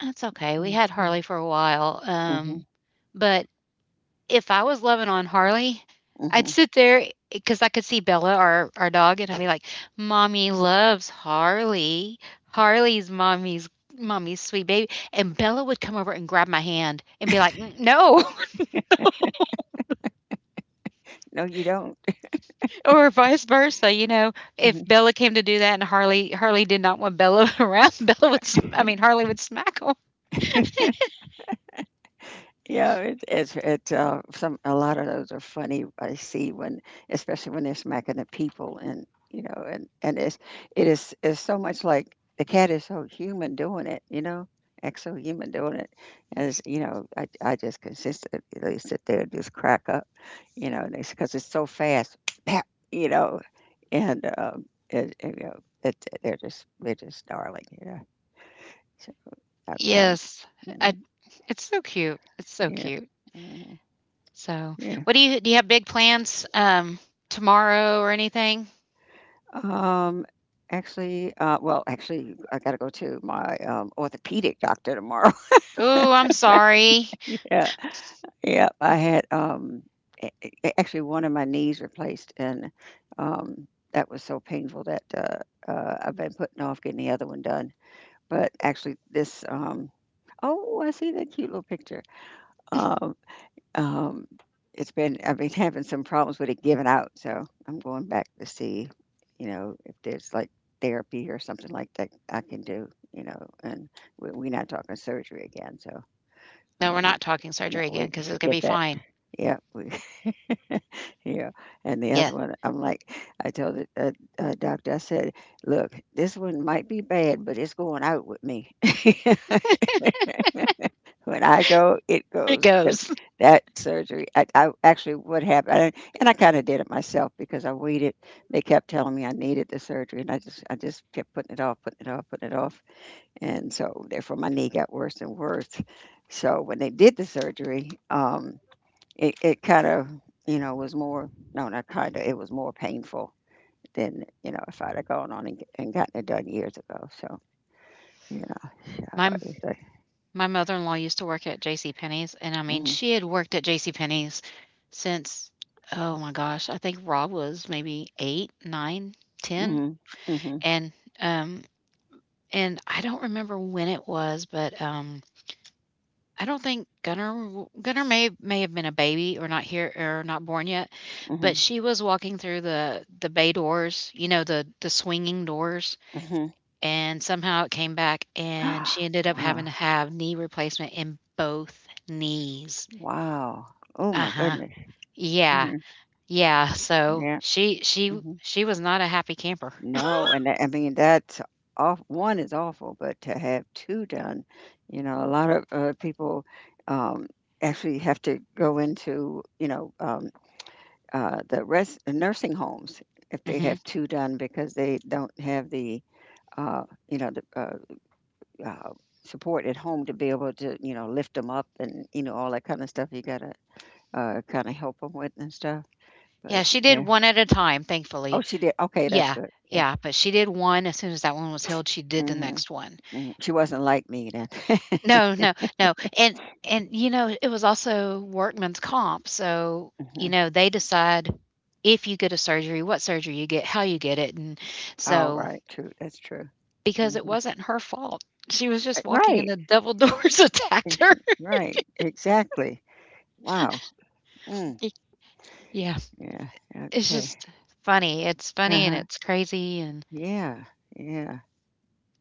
Speaker 1: that's okay. We had
Speaker 2: Mm-hmm.
Speaker 1: Harley for a while.
Speaker 2: Mm-hmm.
Speaker 1: But if I was loving on Harley, I'd
Speaker 2: Mm-hmm.
Speaker 1: sit there because I could see Bella, our dog, and I'd be like, Mommy loves Harley. Harley's mommy's mommy's sweet baby. And Bella would come over and grab my hand and be like, "Mm, no,"
Speaker 2: No, you don't.
Speaker 1: *laughs* or vice versa. You know, if
Speaker 2: Mhm.
Speaker 1: Bella came to do that and Harley did not want Bella *laughs* around, Bella would, sm- I mean, Harley would smack him.
Speaker 2: Yeah, it's some, a lot of those are funny. I see when, especially when they're smacking at people, and you know, and it's it is it's so much like the cat is so human doing it, you know, exo human doing it, as you know, I just consistently sit there and just crack up, you know, because it's so fast, pap, you know, and it, it, you know, it, they're just darling, you know. So I, I,
Speaker 1: Yes. I,
Speaker 2: mm,
Speaker 1: it's so cute. It's so
Speaker 2: yeah.
Speaker 1: cute.
Speaker 2: Mm-hmm.
Speaker 1: So,
Speaker 2: Yeah.
Speaker 1: what do you have big plans, tomorrow or anything?
Speaker 2: Um, actually, I got to go to my orthopedic doctor tomorrow.
Speaker 1: Oh, I'm sorry."
Speaker 2: *laughs* Yeah, yeah. I had actually one of my knees replaced, and um, that was so painful that I've been putting off getting the other one done. But actually, this. Oh, I see that cute little picture. Um, Um, it's been, I've been *laughs* having some problems with it giving out, so I'm going back to see, you know, if there's like therapy or something like that I can do, you know, and we're not talking surgery again, so
Speaker 1: No, we're
Speaker 2: we.
Speaker 1: not talking
Speaker 2: You know,
Speaker 1: surgery again
Speaker 2: we
Speaker 1: because it's gonna
Speaker 2: forget
Speaker 1: be
Speaker 2: that.
Speaker 1: fine.
Speaker 2: Yeah, *laughs* yeah. And the
Speaker 1: Yeah,
Speaker 2: other one, I'm like, I told the doctor, I said, look, this one might be bad, but it's going out with me. *laughs* When I go, it
Speaker 1: it
Speaker 2: goes, because
Speaker 1: goes. *laughs*
Speaker 2: that surgery, I actually would have, I, and I kind of did it myself because I waited. They kept telling me I needed the surgery, and I just kept putting it off, putting it off, putting it off, and so therefore my knee got worse and worse. So when they did the surgery, it kind of, you know, was more, no, not kind of, it was more painful than, you know, if I'd have gone on and gotten it done years ago. So you know, so
Speaker 1: My
Speaker 2: it's like,
Speaker 1: my mother-in-law used to work at J.C. Penney's, and, I mean,
Speaker 2: mhm,
Speaker 1: she had worked at J.C. Penney's since, oh my gosh, I think Rob was maybe 8, 9, 10,
Speaker 2: mhm, mhm,
Speaker 1: and, um and I don't remember when it was, but, I don't think Gunnar w Gunner may have been a baby or not here or not born yet, but
Speaker 2: mhm,
Speaker 1: she was walking through the bay doors, you know, the swinging doors,
Speaker 2: mhm.
Speaker 1: and somehow it came back, and she ended
Speaker 2: *gasps*
Speaker 1: up
Speaker 2: Wow.
Speaker 1: having to have knee replacement in both knees.
Speaker 2: Wow. Oh my
Speaker 1: Uh-huh.
Speaker 2: goodness.
Speaker 1: Yeah.
Speaker 2: Mhm.
Speaker 1: Yeah, so
Speaker 2: Yeah.
Speaker 1: she she
Speaker 2: Mhm.
Speaker 1: she was not a happy camper. *laughs*
Speaker 2: No, and that, I mean, that's off. One is awful, but to have 2 done, you know, a lot of, people, um, actually have to go into, you know, the rest nursing homes if they
Speaker 1: Mhm.
Speaker 2: have 2 done because they don't have the, you know, uh, support at home to be able to, you know, lift them up and, you know, all that kinda stuff you gotta, kinda help them with and stuff.
Speaker 1: Yeah,
Speaker 2: But,
Speaker 1: she did
Speaker 2: yeah.
Speaker 1: one at a time, thankfully.
Speaker 2: Oh, she did? Okay, that's
Speaker 1: Yeah,
Speaker 2: good. Yeah.
Speaker 1: yeah, but she did one, as soon as that one was healed, she did the
Speaker 2: Mhm,
Speaker 1: next one.
Speaker 2: mhm. She wasn't like me then. *laughs*
Speaker 1: No, no, no, and, you know, it was also workman's comp, so, you
Speaker 2: Mhm.
Speaker 1: know, they decide if you get a surgery, what surgery you get, how you get it, and
Speaker 2: All
Speaker 1: so
Speaker 2: right, true, that's true.
Speaker 1: because it
Speaker 2: Mhm.
Speaker 1: wasn't her fault. She was just walking and
Speaker 2: Right.
Speaker 1: the double doors *laughs* attacked her.
Speaker 2: Mhm. Right, exactly. Wow. Mm,
Speaker 1: Y yeah,
Speaker 2: yeah,
Speaker 1: it's
Speaker 2: okay.
Speaker 1: just funny. It's funny and
Speaker 2: Uh-huh.
Speaker 1: it's crazy, and
Speaker 2: Yeah, yeah,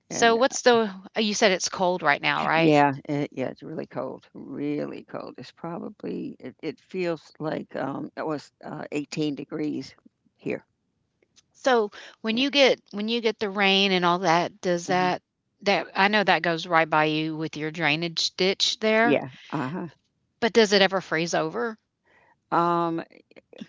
Speaker 1: so
Speaker 2: and
Speaker 1: what's the you said it's cold right now, right?
Speaker 2: yeah, yeah, it's really cold, really cold. It's probably, it feels like, it was, 18 degrees here.
Speaker 1: So,
Speaker 2: Yeah.
Speaker 1: when you get the rain and all that, does
Speaker 2: Mhm.
Speaker 1: that that I know that goes right by you with your drainage ditch there,
Speaker 2: Yeah. Uh-huh.
Speaker 1: but does it ever freeze over?
Speaker 2: Um,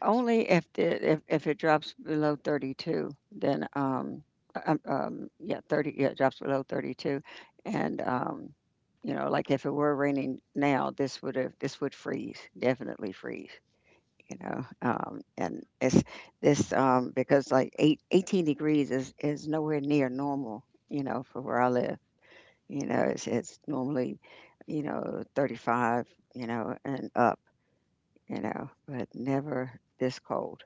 Speaker 2: only if it drops below 32, then, yeah, it drops below 32, and, you know, like, if it were raining now, this would freeze, definitely freeze, you know, and because, like, 8 18 degrees is nowhere near normal, you know, for where I live, you know, it's normally, you know, 35, you know, and up, you know, but never this cold.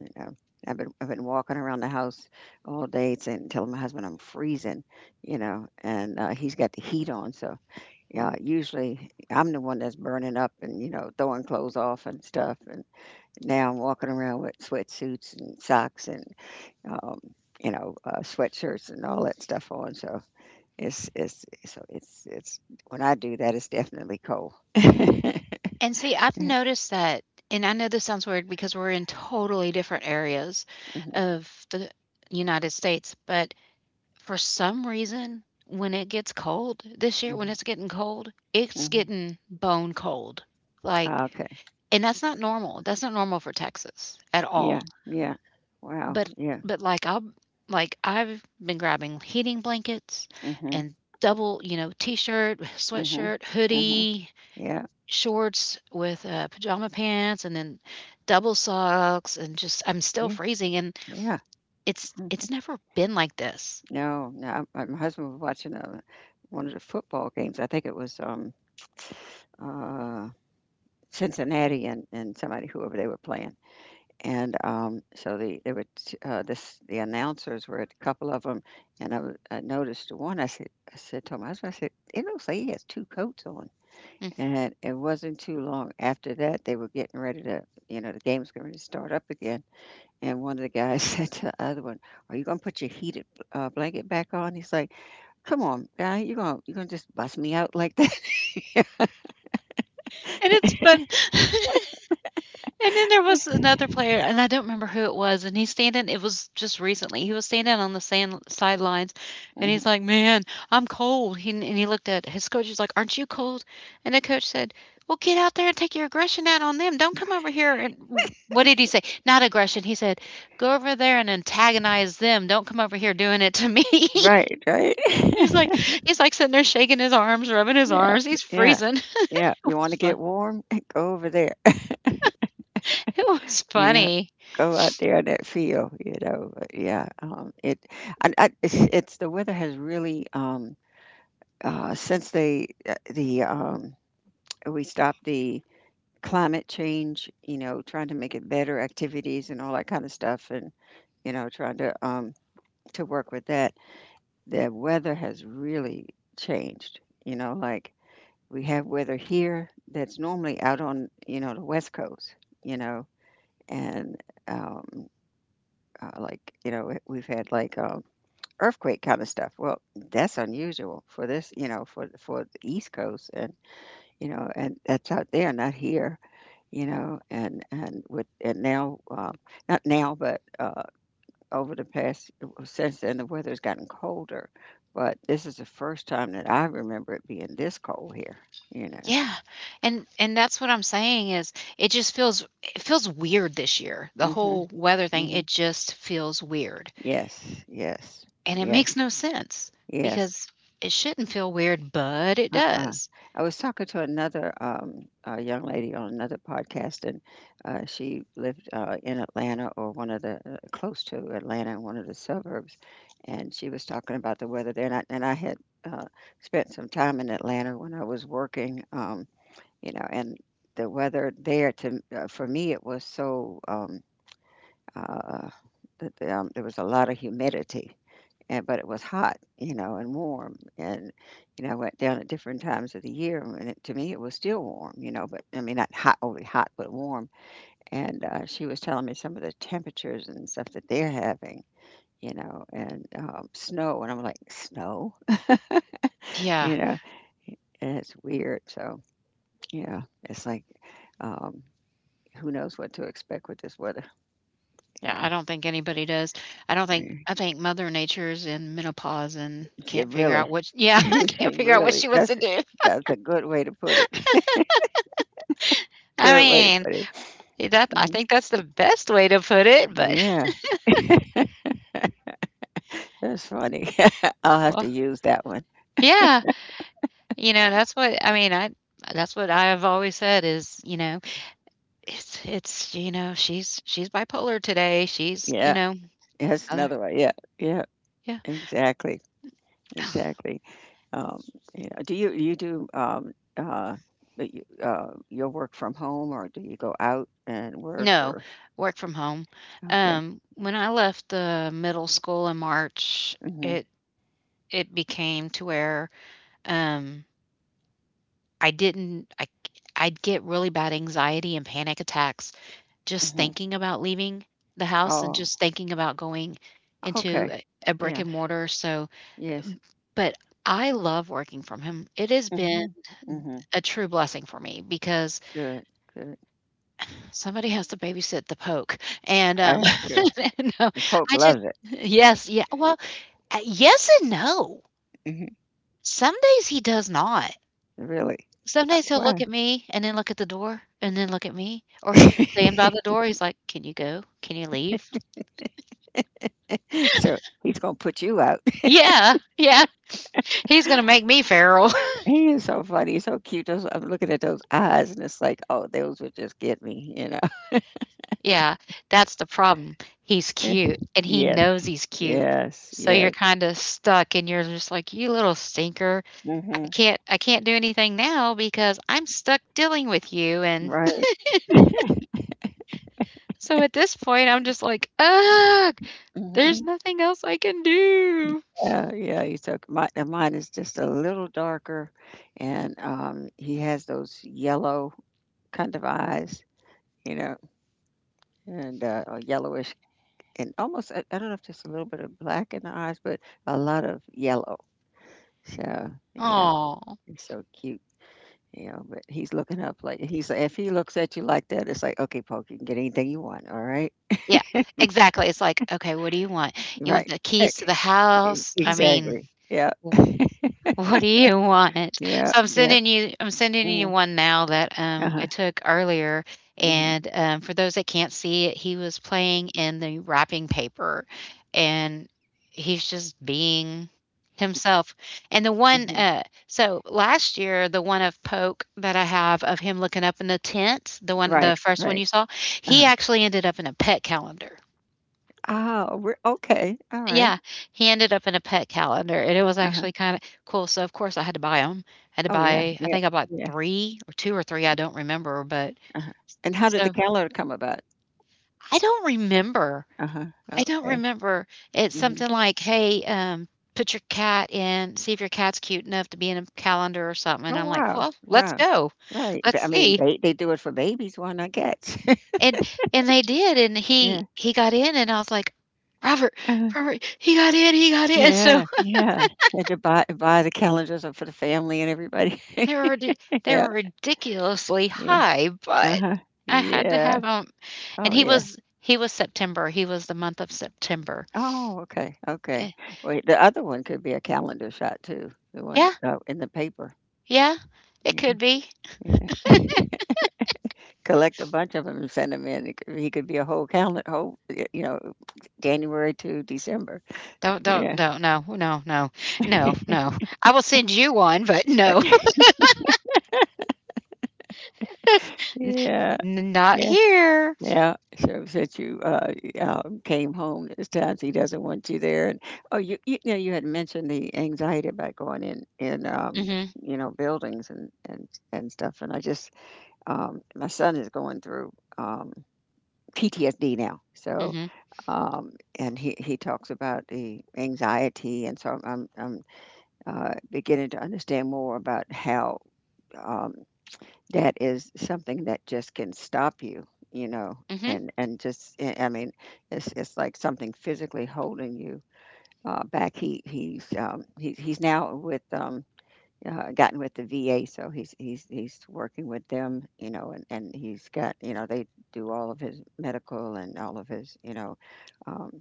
Speaker 2: You know, I've been walking around the house all day saying, telling my husband I'm freezing, you know, and he's got the heat on. So yeah, usually I'm the one that's burning up and you know throwing clothes off and stuff. And now I'm walking around with sweatsuits and socks and um, you know, sweatshirts and all that stuff on. So it's when I do that, it's definitely cold. *laughs*
Speaker 1: And see, I've noticed that, and I know this sounds weird because we're in totally different areas
Speaker 2: Mhm,
Speaker 1: of the United States, but for some reason, when it gets cold this year, when
Speaker 2: mhm,
Speaker 1: it's getting cold, it's
Speaker 2: mhm.
Speaker 1: getting bone cold. Like,
Speaker 2: Okay.
Speaker 1: and that's not normal. That's not normal for Texas at
Speaker 2: Yeah.
Speaker 1: all.
Speaker 2: Yeah. Wow.
Speaker 1: But
Speaker 2: Yeah.
Speaker 1: but, like, I'm like, I've been grabbing heating blankets
Speaker 2: Hmm.
Speaker 1: and double you know, T-shirt, *laughs*
Speaker 2: Mhm.
Speaker 1: sweatshirt,
Speaker 2: Mhm.
Speaker 1: hoodie,
Speaker 2: Yeah.
Speaker 1: shorts with, pajama pants, and then double socks, and just I'm still
Speaker 2: Yeah.
Speaker 1: freezing, and
Speaker 2: Yeah.
Speaker 1: it's
Speaker 2: Mm.
Speaker 1: it's never been like this.
Speaker 2: No, no, my husband was watching, one of the football games. I think it was, uh, Cincinnati and somebody, whoever they were playing, and, so there were t this, the announcers were a couple of them, and I noticed one. I said to my husband, I said, "It looks like he has 2 coats on."
Speaker 1: Mm,
Speaker 2: And it wasn't too long after that, they were getting ready to, you know, the game was going to start up again. And one of the guys *laughs* said to the other one, "Are you gonna put your heated blanket back on?" He's like, "Come on, guy, you gonna, just bust me out like that?" *laughs*
Speaker 1: and it's fun *laughs* And then there was another player, and I don't remember who it was, and he's standing it was just recently. He was standing on the sand sidelines, and
Speaker 2: Mhm.
Speaker 1: he's like, "Man, I'm cold." He looked at his coach. He's like, "Aren't you cold?" And the coach said, "Well, get out there and take your aggression out on them. Don't come over here and what did he say? Not aggression. He said, "Go over there and antagonize them. "Don't come over here doing it to me."
Speaker 2: Right, right.
Speaker 1: *laughs* he's like
Speaker 2: *laughs*
Speaker 1: he's like sitting there shaking his arms, rubbing his
Speaker 2: Yeah,
Speaker 1: arms. He's
Speaker 2: yeah,
Speaker 1: freezing. *laughs*
Speaker 2: yeah.
Speaker 1: It
Speaker 2: You want to
Speaker 1: was fun.
Speaker 2: get warm? *laughs* Go over there. *laughs*
Speaker 1: It was
Speaker 2: Yeah,
Speaker 1: funny.
Speaker 2: go out there in that field. You know, but yeah. It, I, it's the weather has really since they the we stopped the climate change, you know, trying to make it better activities and all that kind of stuff, and you know, trying to work with that. The weather has really changed, you know, we have weather here that's normally out on, you know, the West Coast, you know, and, um, you know, we've had, earthquake kinda stuff. Well, that's unusual for this, you know, for the East Coast and, you know, and that's out there, not here, you know, and now, not now, but over the past since then the weather's gotten colder, but this is the first time that I remember it being this cold here, you know.
Speaker 1: Yeah, and that's what I'm saying is it feels weird this year. The
Speaker 2: Mhm,
Speaker 1: whole weather thing, it
Speaker 2: mhm.
Speaker 1: just feels weird.
Speaker 2: Yes, yes,
Speaker 1: And it
Speaker 2: yes,
Speaker 1: makes no sense
Speaker 2: yes.
Speaker 1: because it shouldn't feel weird, but it
Speaker 2: Uh-uh.
Speaker 1: does.
Speaker 2: I was talking to another young lady on another podcast, and she lived in Atlanta or one of the close to Atlanta in one of the suburbs, and she was talking about the weather there. And I had uh, spent some time in Atlanta when I was working. You know, and the weather there to for me, it was so uh, there was a lot of humidity, and but it was hot, you know, and warm. And you know, I went down at different times of the year, and it, to me, it was still warm, you know, but I mean, not hot, overly hot, but warm. And she was telling me some of the temperatures and stuff that they're having. You know, and snow, and I'm like, snow, *laughs*
Speaker 1: Yeah.
Speaker 2: you know, and it's weird. So, yeah, it's like um, who knows what to expect with this weather?
Speaker 1: Yeah, I
Speaker 2: Yeah,
Speaker 1: don't think anybody does. I don't think
Speaker 2: yeah.
Speaker 1: I think Mother Nature's in menopause and
Speaker 2: It
Speaker 1: can't figure
Speaker 2: really,
Speaker 1: out what,
Speaker 2: *laughs*
Speaker 1: yeah, *laughs* can't
Speaker 2: it
Speaker 1: figure out what
Speaker 2: really.
Speaker 1: she wants
Speaker 2: That's
Speaker 1: to do.
Speaker 2: that's a good way to put it. *laughs*
Speaker 1: I
Speaker 2: Good way to
Speaker 1: mean,
Speaker 2: put it.
Speaker 1: that I
Speaker 2: Mhm.
Speaker 1: think that's the best way to put it, but
Speaker 2: Yeah, that's funny. *laughs* I'll
Speaker 1: *laughs*
Speaker 2: have
Speaker 1: well,
Speaker 2: to use that one.
Speaker 1: yeah. You know, that's what I mean, I that's what I have always said is, you know, it's, you know, she's bipolar today. She's, you
Speaker 2: Yeah,
Speaker 1: know,
Speaker 2: that's
Speaker 1: other,
Speaker 2: another one. Yeah, yeah,
Speaker 1: yeah.
Speaker 2: exactly, exactly. Um, yeah. Do you you do but you- your work from home, or do you go out and work?
Speaker 1: No,
Speaker 2: Or
Speaker 1: work from home.
Speaker 2: okay,
Speaker 1: When I left the middle school in March,
Speaker 2: hmm
Speaker 1: it it became to where um I didn't I I'd get really bad anxiety and panic attacks just
Speaker 2: hmm
Speaker 1: thinking about leaving the house and
Speaker 2: oh,
Speaker 1: just thinking about going into
Speaker 2: okay,
Speaker 1: a brick
Speaker 2: yeah,
Speaker 1: and mortar. So
Speaker 2: yes.
Speaker 1: But I love working from home. It has been
Speaker 2: Mhm, mhm.
Speaker 1: a true blessing for me because
Speaker 2: Good, good.
Speaker 1: somebody has to babysit the Poke, and,
Speaker 2: I have you.
Speaker 1: *laughs* no,
Speaker 2: And Polk
Speaker 1: I just
Speaker 2: loves it.
Speaker 1: yes, yeah, well, yes and no.
Speaker 2: Mhm.
Speaker 1: Some days he does not.
Speaker 2: Really.
Speaker 1: Some days he'll look
Speaker 2: Why?
Speaker 1: at me and then look at the door and then look at me, or he'll stand by the
Speaker 2: *laughs*
Speaker 1: door, he's like, "Can you go? Can you leave?" *laughs*
Speaker 2: So, he's gonna put you out. *laughs*
Speaker 1: Yeah, yeah, he's gonna make me feral.
Speaker 2: He is so funny, he's so cute, those I'm looking at those eyes, and it's like, "Oh, those would just get me," you know? *laughs*
Speaker 1: Yeah, that's the problem. He's
Speaker 2: Yeah.
Speaker 1: cute, and he
Speaker 2: Yes,
Speaker 1: knows he's cute.
Speaker 2: yes,
Speaker 1: So you're
Speaker 2: yes.
Speaker 1: kinda stuck, and you're just like, "You little stinker. I
Speaker 2: Mhm.
Speaker 1: can't I can't do anything now because I'm stuck dealing with you," and
Speaker 2: Right.
Speaker 1: *laughs* so at this point, I'm just like, "Ugh, there's
Speaker 2: Mhm.
Speaker 1: nothing else I can do."
Speaker 2: Yeah, yeah, he took my and mine is just a little darker, and, he has those yellow kind of eyes, you know, and, or yellowish and almost I don't know if there's a little bit of black in the eyes, but a lot of yellow. So yeah,
Speaker 1: Aw.
Speaker 2: he's so cute. You know, but he's looking up like he's if he looks at you like that, it's like okay, Poke, you can get anything you want. All right,
Speaker 1: Yeah, exactly. It's like, "Okay, what do you want? You want
Speaker 2: right,
Speaker 1: the
Speaker 2: Eh,
Speaker 1: keys to the house?" I mean,
Speaker 2: exactly. Yeah,
Speaker 1: what do you want?
Speaker 2: yeah,
Speaker 1: So
Speaker 2: yeah.
Speaker 1: I'm sending you
Speaker 2: Mhm.
Speaker 1: one now that,
Speaker 2: Uh
Speaker 1: I
Speaker 2: huh.
Speaker 1: took earlier,
Speaker 2: Hmm,
Speaker 1: and, for those that can't see it, he was playing in the wrapping paper, and he's just being himself. And
Speaker 2: hmm.
Speaker 1: so last year, the one of Poke that I have of him looking up in the tent,
Speaker 2: Right,
Speaker 1: the first one
Speaker 2: right.
Speaker 1: you saw,
Speaker 2: Uh
Speaker 1: he
Speaker 2: huh.
Speaker 1: actually ended up in a pet calendar.
Speaker 2: Oh, we're okay. All right.
Speaker 1: Yeah, he ended up in a pet calendar, and it was
Speaker 2: Uh huh.
Speaker 1: actually kinda cool, so, of course, I had to buy 'em. Had to
Speaker 2: Oh yeah,
Speaker 1: buy I
Speaker 2: yeah,
Speaker 1: think I
Speaker 2: oh,
Speaker 1: bought
Speaker 2: yeah.
Speaker 1: 3 or 2 or 3, I don't remember, but
Speaker 2: Uh huh. And how did the
Speaker 1: so
Speaker 2: calendar come about?
Speaker 1: I don't remember.
Speaker 2: Uh huh.
Speaker 1: I don't
Speaker 2: Okay.
Speaker 1: remember. It's something like, "Hey, put your cat in see if your cat's cute enough to be in a calendar or something," and
Speaker 2: Oh,
Speaker 1: I'm like,
Speaker 2: wow.
Speaker 1: "Well, let's
Speaker 2: Wow.
Speaker 1: go.
Speaker 2: Right.
Speaker 1: Let's
Speaker 2: But, I mean,
Speaker 1: see."
Speaker 2: they do it for babies, why not cats? *laughs*
Speaker 1: And and they did, and
Speaker 2: Yeah.
Speaker 1: he got in, and I was like, "Robert,
Speaker 2: uh
Speaker 1: Robert, he got in, he got in." *laughs* So
Speaker 2: Yeah, yeah. Had to buy the calendars up for the family and everybody. *laughs*
Speaker 1: They were ridi they
Speaker 2: Yeah,
Speaker 1: were ridiculously
Speaker 2: yeah.
Speaker 1: high, but
Speaker 2: Uh-huh.
Speaker 1: I had to
Speaker 2: Yeah.
Speaker 1: have 'em. And
Speaker 2: Oh, yeah.
Speaker 1: he was September, he was the month of September.
Speaker 2: Oh, okay, okay.
Speaker 1: Eh
Speaker 2: Wait, the other one could be a calendar shot too, the one
Speaker 1: Yeah,
Speaker 2: in the paper.
Speaker 1: yeah, it
Speaker 2: Yeah,
Speaker 1: could be.
Speaker 2: yeah. Collect a bunch of them and send them in. It could, he could be a whole calendar, whole, you know, January to December.
Speaker 1: Don't don't
Speaker 2: Yeah.
Speaker 1: don't, no, no, no, no,
Speaker 2: *laughs*
Speaker 1: no. I will send you one, but no. *laughs*
Speaker 2: Right. Yeah,
Speaker 1: N Not
Speaker 2: yeah.
Speaker 1: here.
Speaker 2: Yeah, shows that you came home this time. So he doesn't want you there. And oh, you know you had mentioned the anxiety about going in
Speaker 1: Mhm,
Speaker 2: you know buildings and stuff. And I just my son is going through um, PTSD now, so
Speaker 1: mhm,
Speaker 2: and he talks about the anxiety, and so I'm beginning to understand more about how. Um, that is something that just can stop you, you know,
Speaker 1: mhm,
Speaker 2: and just I mean, it's like something physically holding you back. He's now with gotten with the VA, so he's working with them, you know, and he's got you know they do all of his medical and all of his you know. Um,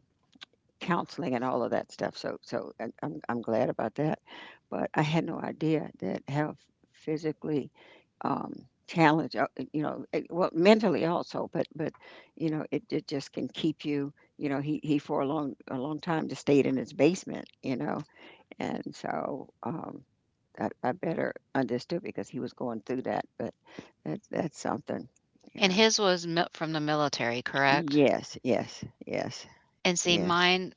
Speaker 2: Counseling and all of that stuff. So I'm glad about that, but I had no idea that how physically challenged you know well mentally also, but you know it, it just can keep you you know he for a long time just stayed in his basement you know and so. I better understood because he was going through that, but that's something, you
Speaker 1: and
Speaker 2: know.
Speaker 1: his was mil from the military, correct?
Speaker 2: Yes, yes, yes,
Speaker 1: And see,
Speaker 2: yes.
Speaker 1: mine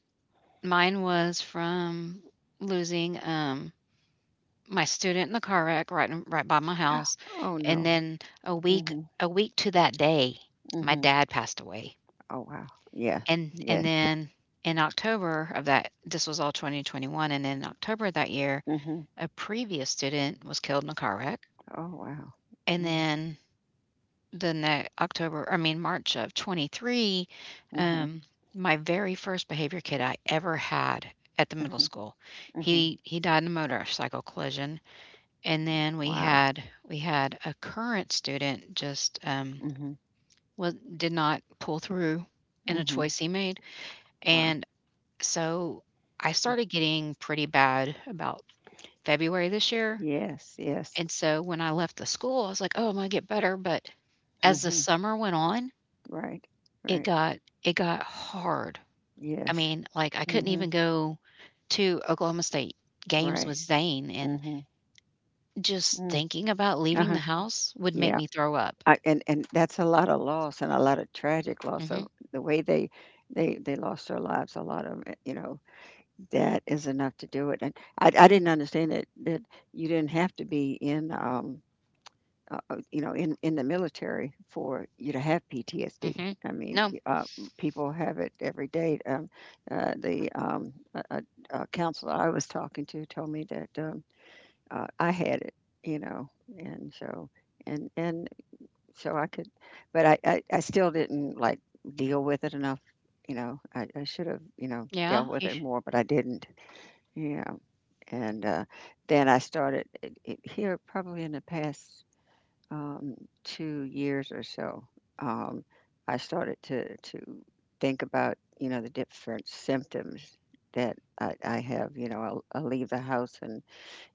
Speaker 1: mine was from losing, my student in the car wreck right by my house,
Speaker 2: Oh
Speaker 1: and
Speaker 2: no.
Speaker 1: then
Speaker 2: Mm-hmm.
Speaker 1: a week to that day, my
Speaker 2: Mm-hmm.
Speaker 1: dad passed away,
Speaker 2: Oh, wow. Yeah.
Speaker 1: and
Speaker 2: Yes.
Speaker 1: then in October of that, this was all 2021, and then in October of that year,
Speaker 2: Mhm.
Speaker 1: a previous student was killed in a car wreck,
Speaker 2: Oh, wow.
Speaker 1: and
Speaker 2: Mm.
Speaker 1: then the next October, I mean, March of '23,
Speaker 2: Mhm.
Speaker 1: um, my very first behavior kid I ever had at the middle
Speaker 2: Mhm.
Speaker 1: school,
Speaker 2: Mhm.
Speaker 1: he died in a motorcycle collision. And then we
Speaker 2: Wow.
Speaker 1: had we had a current student just,
Speaker 2: Mhm.
Speaker 1: well, did not pull through in a
Speaker 2: Mhm.
Speaker 1: choice he made,
Speaker 2: Wow.
Speaker 1: and so I started getting pretty bad about February this year,
Speaker 2: Yes. Yes.
Speaker 1: and so when I left the school, I was like, "Oh, I'm gonna get better," but as the
Speaker 2: Mhm.
Speaker 1: summer went on,
Speaker 2: Right.
Speaker 1: it
Speaker 2: Right.
Speaker 1: got it got hard. I
Speaker 2: Yes.
Speaker 1: mean, like, I couldn't even
Speaker 2: Mhm.
Speaker 1: go to Oklahoma State games
Speaker 2: Right.
Speaker 1: with Zane, and
Speaker 2: Mhm.
Speaker 1: just
Speaker 2: Mm.
Speaker 1: thinking about leaving the
Speaker 2: Uh-huh.
Speaker 1: house would make
Speaker 2: Yeah.
Speaker 1: me throw up.
Speaker 2: I, and that's a lot of loss and a lot of tragic loss.
Speaker 1: Mhm.
Speaker 2: So the way they they lost their lives, a lot of 'em, you know, that is enough to do it. And I didn't understand that that you didn't have to be in you know, in the military for you to have PTSD.
Speaker 1: Mhm.
Speaker 2: I mean,
Speaker 1: No.
Speaker 2: people have it every day. The a counselor I was talking to told me that I had it, you know, and so and so I could, but I still didn't like deal with it enough. You know, I should have, you know, dealt
Speaker 1: Yeah,
Speaker 2: with
Speaker 1: you
Speaker 2: it
Speaker 1: sh
Speaker 2: more, but I didn't. Yeah. And then I started here probably in the past um, two years or so, um, I started to think about, you know, the different symptoms that I have. You know, I'll leave the house and,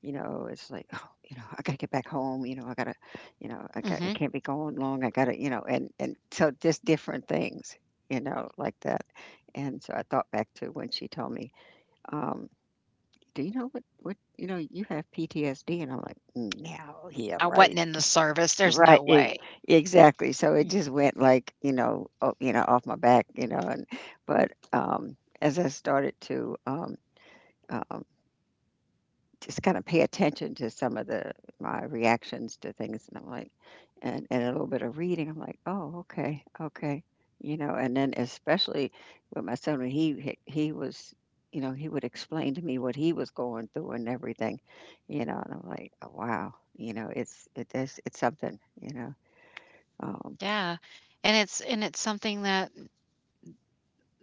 Speaker 2: you know, it's like, oh, you know, I got to get back home. You know, I got to, you know, I got, I
Speaker 1: mhm.
Speaker 2: can't be going long. I got to, you know, and so just different things, you know, like that. And so I thought back to when she told me, um, do you know what, you know, you have PTSD? And I'm like, no, yeah, yeah,
Speaker 1: I
Speaker 2: right.
Speaker 1: wasn't in the service, there's
Speaker 2: Right,
Speaker 1: no
Speaker 2: e
Speaker 1: way.
Speaker 2: exactly. So it
Speaker 1: Mm,
Speaker 2: just went like, you know, o you know, off my back, you know, and but, as I started to, um, just kinda pay attention to some of the my reactions to things, and I'm like and a little bit of reading, I'm like, "Oh, okay, okay," you know, and then especially with my son, when he was you know, he would explain to me what he was going through and everything, you know, and I'm like, "Oh, wow," you know, it's it it is it's something, you know, um
Speaker 1: yeah, and it's something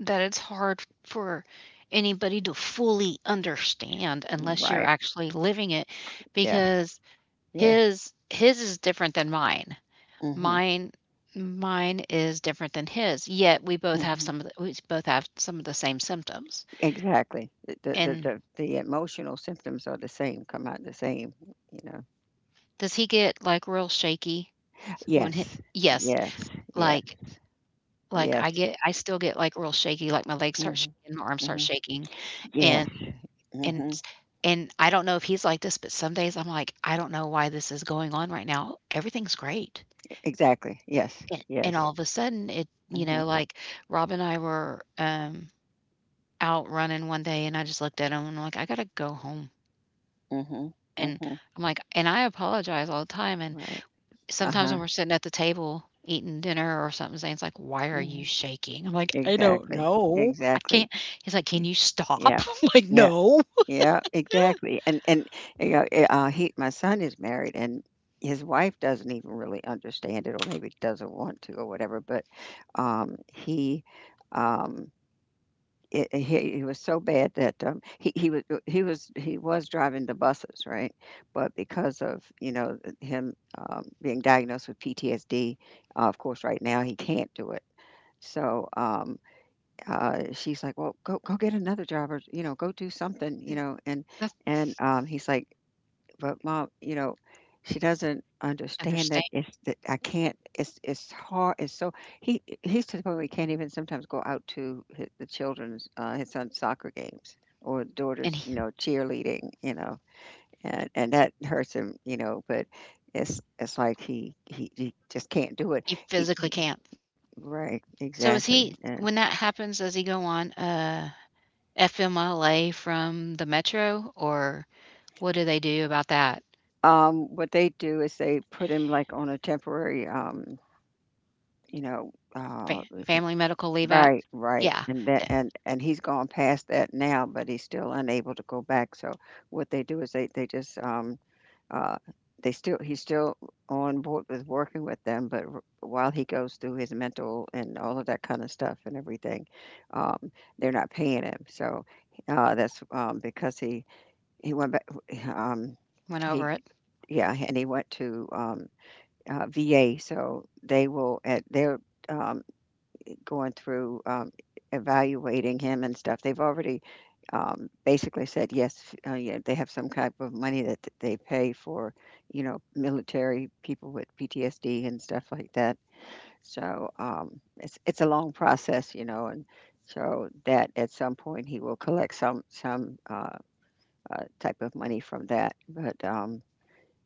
Speaker 1: that it's hard for anybody to fully understand unless you're
Speaker 2: right.
Speaker 1: actually living it,
Speaker 2: Yes,
Speaker 1: because
Speaker 2: yes.
Speaker 1: his is different than mine.
Speaker 2: Mhm,
Speaker 1: Mine mine is different than his, yet
Speaker 2: mhm.
Speaker 1: we both have some of the same symptoms,
Speaker 2: Exactly. The the the
Speaker 1: and
Speaker 2: the the emotional symptoms are the same, come out the same, you know.
Speaker 1: does he get, like, real shaky when he
Speaker 2: Yes.
Speaker 1: Yes,
Speaker 2: Yes. Yes.
Speaker 1: like, I
Speaker 2: Yes.
Speaker 1: get I still get, like, real shaky, like, my legs start
Speaker 2: Mhm,
Speaker 1: shaking, my arms start
Speaker 2: mhm.
Speaker 1: shaking,
Speaker 2: Yes.
Speaker 1: and and
Speaker 2: Mhm.
Speaker 1: s and I don't know if he's like this, but some days I'm like, "I don't know why this is going on right now. Everything's great."
Speaker 2: Exactly. Yes.
Speaker 1: And
Speaker 2: Yes.
Speaker 1: all of a sudden, it you know,
Speaker 2: Mhm,
Speaker 1: like, Rob and I were, out running one day, and I just looked at him, and I'm like, "I gotta go home."
Speaker 2: mhm,
Speaker 1: And
Speaker 2: mhm.
Speaker 1: and I apologize all the time, and
Speaker 2: Right.
Speaker 1: sometimes
Speaker 2: Uh-huh.
Speaker 1: when we're sitting at the table eating dinner or something, Zane's like, "Why are you
Speaker 2: Mhm.
Speaker 1: shaking?" I'm like, "I don't
Speaker 2: Exactly.
Speaker 1: know. I
Speaker 2: Exactly.
Speaker 1: can't" He's like, "Can
Speaker 2: Y-
Speaker 1: you stop?" *laughs*
Speaker 2: Yeah.
Speaker 1: I'm like,
Speaker 2: Yeah.
Speaker 1: "No."
Speaker 2: Yeah, exactly. And you know, he my son is married and his wife doesn't even really understand it or maybe doesn't want to or whatever, but he um he was so bad that he was he was driving the buses right, but because of you know him being diagnosed with PTSD, of course right now he can't do it. So she's like, "Well, go go get another job, or you know, go do something, you know."
Speaker 1: that's
Speaker 2: And he's like, "But mom, you know, she doesn't understand that
Speaker 1: Understand
Speaker 2: it's that I can't. It's hard. It's so he's to the point where he can't even sometimes go out to his, the children's his son's soccer games or daughter's,
Speaker 1: and
Speaker 2: you know, cheerleading, you know, and that hurts him, you know, but." It's like he just can't do it.
Speaker 1: he physically
Speaker 2: He
Speaker 1: can't.
Speaker 2: right
Speaker 1: So is
Speaker 2: exactly.
Speaker 1: he
Speaker 2: And.
Speaker 1: when that happens, does he go on, FMLA from the metro, or what do they do about that?
Speaker 2: What they do is they put him like on a temporary, you know,
Speaker 1: Fa
Speaker 2: uh,
Speaker 1: Family Medical Leave
Speaker 2: right,
Speaker 1: Act?
Speaker 2: right,
Speaker 1: Yeah,
Speaker 2: and that
Speaker 1: eh,
Speaker 2: and he's gone past that now, but he's still unable to go back. So what they do is they just uh they still he's still on board with working with them, but while he goes through his mental and all of that kind of stuff and everything, um, they're not paying him. So that's because he went back um
Speaker 1: went
Speaker 2: he
Speaker 1: over it.
Speaker 2: yeah and he went to VA, so they will at they're um, going through evaluating him and stuff. They've already basically said yes. Yeah, they have some type of money that they pay for, you know, military people with PTSD and stuff like that. So it's a long process, you know, and so that at some point he will collect some type of money from that. But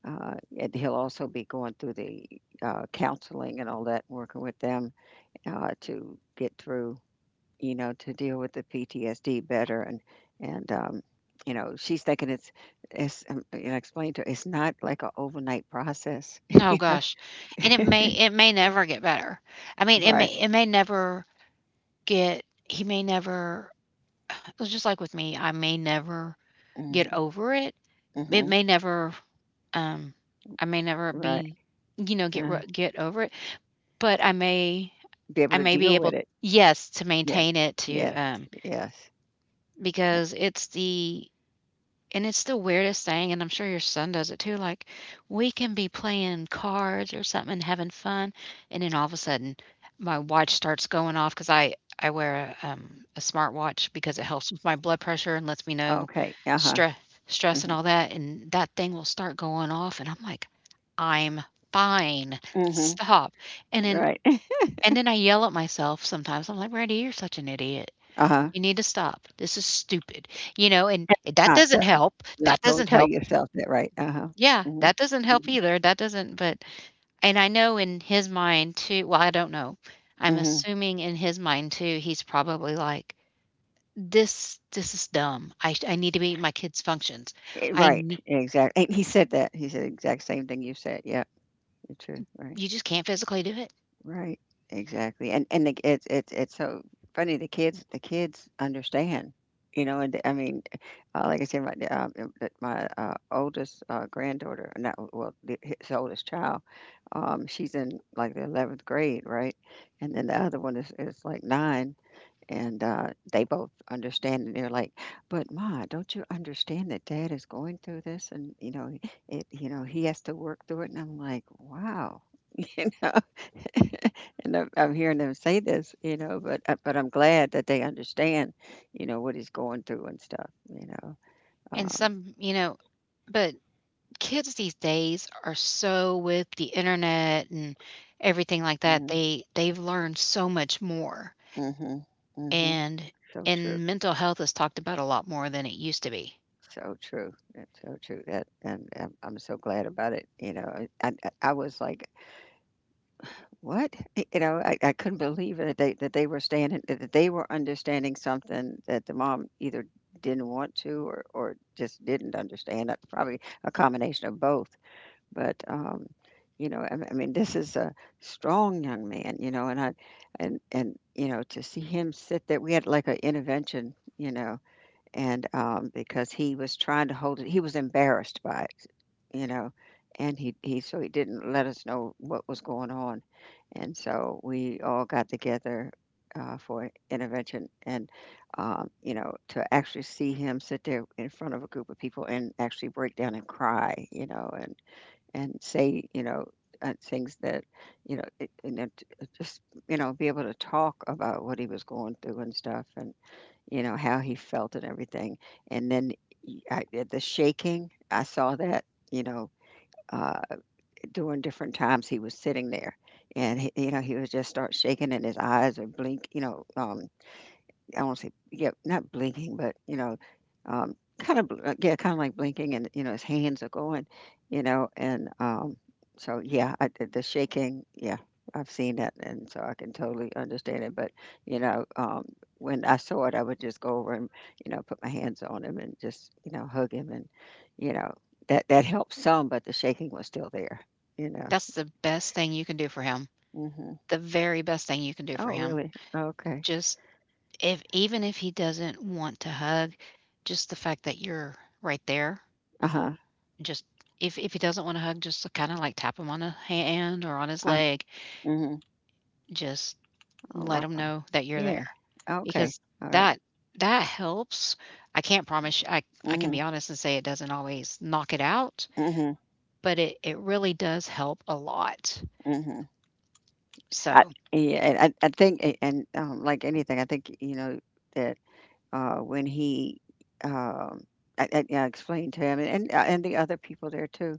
Speaker 2: and he'll also be going through the counseling and all that, working with them to get through, you know, to deal with the PTSD better. And you know, she's thinking it's. And I explained to her it's not like an overnight process. *laughs*
Speaker 1: No,
Speaker 2: You know,
Speaker 1: gosh, and
Speaker 2: *laughs*
Speaker 1: it may never get better. I mean,
Speaker 2: right?
Speaker 1: it may never get, he may never it was just like with me, I may never get
Speaker 2: Hmm,
Speaker 1: over it. It
Speaker 2: hmm.
Speaker 1: may never um I may never
Speaker 2: Right.
Speaker 1: be
Speaker 2: Uh,
Speaker 1: get over it, but
Speaker 2: be able
Speaker 1: I
Speaker 2: to
Speaker 1: may be
Speaker 2: deal
Speaker 1: able,
Speaker 2: with it.
Speaker 1: yes, to
Speaker 2: Yes.
Speaker 1: maintain it to,
Speaker 2: Yes. Yes.
Speaker 1: because it's the and it's the weirdest thing, and I'm sure your son does it too, like, we can be playing cards or something and having fun, and then all of a sudden my watch starts going off because I wear a smart watch because it helps with my blood pressure and lets me know
Speaker 2: Okay. Uh huh.
Speaker 1: stress stress and all that, and that thing will start going off, and I'm like, "I'm fine,
Speaker 2: Hmm, hmm.
Speaker 1: stop." And then
Speaker 2: Right. *laughs*
Speaker 1: I yell at myself, sometimes I'm like, "Randy, you're such an idiot,
Speaker 2: Uh
Speaker 1: you need to stop. This is stupid," you know, and that
Speaker 2: huh.
Speaker 1: doesn't help.
Speaker 2: Right,
Speaker 1: That
Speaker 2: don't
Speaker 1: doesn't
Speaker 2: tell
Speaker 1: help.
Speaker 2: yourself that, right, uh-huh.
Speaker 1: Yeah,
Speaker 2: Mhm,
Speaker 1: that doesn't help
Speaker 2: mhm,
Speaker 1: either. That doesn't but And I know in his mind too, well, I don't know. I'm
Speaker 2: mhm.
Speaker 1: assuming in his mind too, he's probably like, "This is dumb. I need to be my kids' functions. I
Speaker 2: Right,
Speaker 1: nee"
Speaker 2: exactly, and he said that, he said the exact same thing you said. Yeah. It's true, right,
Speaker 1: You just can't physically do it.
Speaker 2: right, exactly, and the it's so funny, the kids understand, you know, and I mean, like I said, my oldest, granddaughter not well, the his oldest child, she's in, like, the 11th grade, right, and then the other one is, like, 9. And, they both understand, and they're like, "But Ma, don't you understand that dad is going through this and, you know, it you know, he has to work through it?" And I'm like, "Wow." *laughs* You know? *laughs* And I'm hearing them say this, you know, but I'm glad that they understand, you know, what he's going through and stuff, you know?
Speaker 1: And
Speaker 2: Um,
Speaker 1: some You know, but kids these days are so with the internet and everything like that,
Speaker 2: mhm,
Speaker 1: they've learned so much more.
Speaker 2: mhm, mhm.
Speaker 1: And
Speaker 2: So true,
Speaker 1: and mental health is talked about a lot more than it used to be.
Speaker 2: so true, that's so true, that and I'm so glad about it, you know? I was like, what? Y You know, I couldn't believe it that they were understanding something that the mom either didn't want to or just didn't understand, probably a combination of both, but, you know, I mean, this is a strong young man, you know, and I and, you know, to see him sit there, we had like an intervention, you know, and, because he was trying to hold it, he was embarrassed by it, you know, and he so he didn't let us know what was going on. And so we all got together, for intervention and, you know, to actually see him sit there in front of a group of people and actually break down and cry, you know, and say, you know, things that, you know, it just, you know, be able to talk about what he was going through and stuff and you know, how he felt and everything, and then the shaking, I saw that, you know, uh, during different times he was sitting there, and he you know, he would just start shaking and his eyes would blink, you know, I won't say yeah, not blinking, but you know, kind of like blinking, and you know, his hands are going, you know, and so yeah, I, the shaking, yeah, I've seen that, and so I can totally understand it. But you know, when I saw it, I would just go over and you know, put my hands on him and just you know, hug him, and you know, that helped some, but the shaking was still there, you know.
Speaker 1: That's the best thing you can do for him,
Speaker 2: Hmm.
Speaker 1: the very best thing you can do for
Speaker 2: Oh,
Speaker 1: him.
Speaker 2: really? Okay.
Speaker 1: Just if even if he doesn't want to hug, just the fact that you're right there,
Speaker 2: Uh huh.
Speaker 1: just if he doesn't want to hug, just kind of like tap him on a hand or on his
Speaker 2: Uh,
Speaker 1: leg,
Speaker 2: mhm.
Speaker 1: just
Speaker 2: Oh,
Speaker 1: let him
Speaker 2: wow.
Speaker 1: know that you're
Speaker 2: Yeah.
Speaker 1: there.
Speaker 2: Okay.
Speaker 1: Because
Speaker 2: All right.
Speaker 1: that that helps. I can't promise I can
Speaker 2: Mhm,
Speaker 1: be honest and say it doesn't always knock it out,
Speaker 2: mhm,
Speaker 1: but it really does help a lot.
Speaker 2: mhm. I
Speaker 1: So
Speaker 2: Yeah, and I think and, like anything, I think, you know, that, when he, um, I yeah, I explained to him and the other people there too,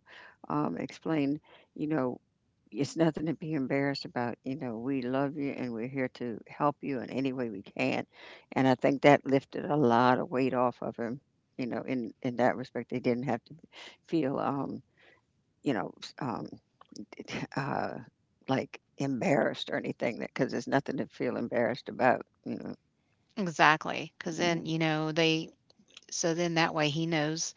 Speaker 2: explained, you know, it's nothing to be embarrassed about. You know, we love you and we're here to help you in any way we can. And I think that lifted a lot of weight off of him, you know, in that respect. They didn't have to feel, um, you know, s *laughs* uh, like, embarrassed or anything that because there's nothing to feel embarrassed about, you know?
Speaker 1: exactly, because then,
Speaker 2: Mhm,
Speaker 1: you know, they so then that way he knows,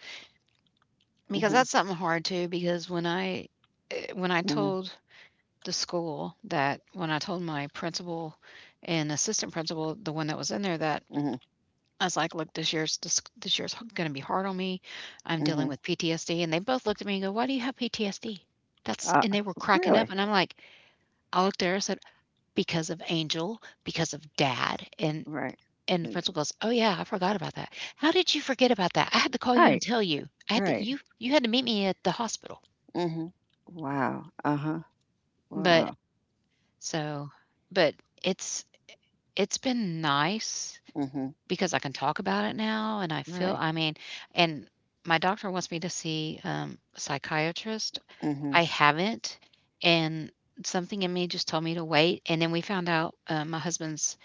Speaker 1: because
Speaker 2: mhm,
Speaker 1: that's something hard too, because when I
Speaker 2: mhm,
Speaker 1: told the school that when I told my principal and assistant principal, the one that was in there, that
Speaker 2: mhm,
Speaker 1: I was like, "Look, this this year's going to be hard on me. I'm dealing
Speaker 2: mhm.
Speaker 1: with PTSD." And they both looked at me and go, "Why do you have PTSD?" That's
Speaker 2: Uh,
Speaker 1: And they were cracking up,
Speaker 2: really?
Speaker 1: and I'm like, I looked there, her, and said, "Because of Angel, because of Dad, and"
Speaker 2: Right.
Speaker 1: And the
Speaker 2: Think.
Speaker 1: principal goes, "Oh, yeah, I forgot about that. How did you forget about that? I had to call you and
Speaker 2: Right,
Speaker 1: tell you. I had to
Speaker 2: right.
Speaker 1: you had to meet me at the hospital."
Speaker 2: Mhm. Wow. Uh-huh.
Speaker 1: But
Speaker 2: Wow.
Speaker 1: so but it's it's been nice
Speaker 2: Mhm.
Speaker 1: because I can talk about it now and
Speaker 2: Right.
Speaker 1: I mean, and my doctor wants me to see, a psychiatrist. I
Speaker 2: Mhm.
Speaker 1: haven't, and something in me just told me to wait, and then we found out, my husband's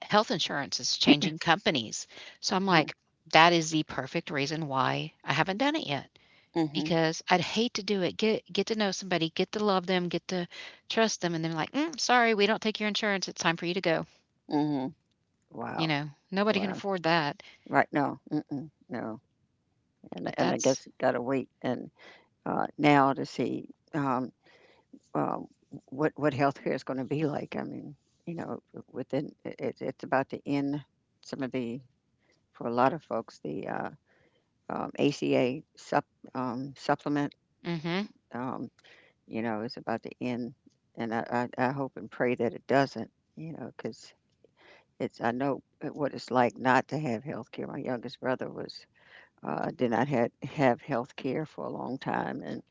Speaker 1: health insurance is changing companies. So I'm
Speaker 2: Mm.
Speaker 1: like, that is the perfect reason why I haven't done it yet
Speaker 2: Mhm.
Speaker 1: because I'd hate to do it. Get to know somebody, get to love them, get to trust them, and then like, sorry, we don't take your insurance. It's time for you to go.
Speaker 2: Mhm. Wow.
Speaker 1: Nobody can
Speaker 2: Wow.
Speaker 1: afford that.
Speaker 2: Right, no. Mm-mm. No. And I-
Speaker 1: But
Speaker 2: and I
Speaker 1: that's,
Speaker 2: guess gotta wait and, now to see, um, um, what healthcare is going to be like. I mean, you know, within it, it's about to end some of the for a lot of folks the ACA supplement.
Speaker 1: hmm
Speaker 2: Um, you know, is about to end, and I hope and pray that it doesn't. You know, because it's I know what it's like not to have healthcare. My youngest brother was did not have health care for a long time, and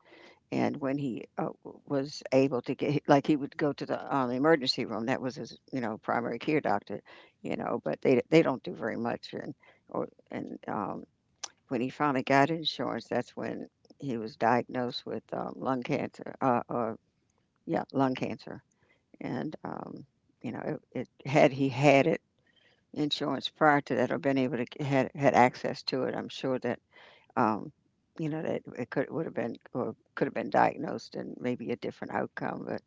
Speaker 2: And when he was able to get, like he would go to the emergency room. That was his, you know, primary care doctor, you know. But they don't do very much. And or and when he finally got insurance, that's when he was diagnosed with lung cancer. Or yeah, lung cancer. And you know, it had he had it insurance prior to that or been able to had had access to it, I'm sure that um, you know, that it could would have been or could have been diagnosed and maybe a different outcome, but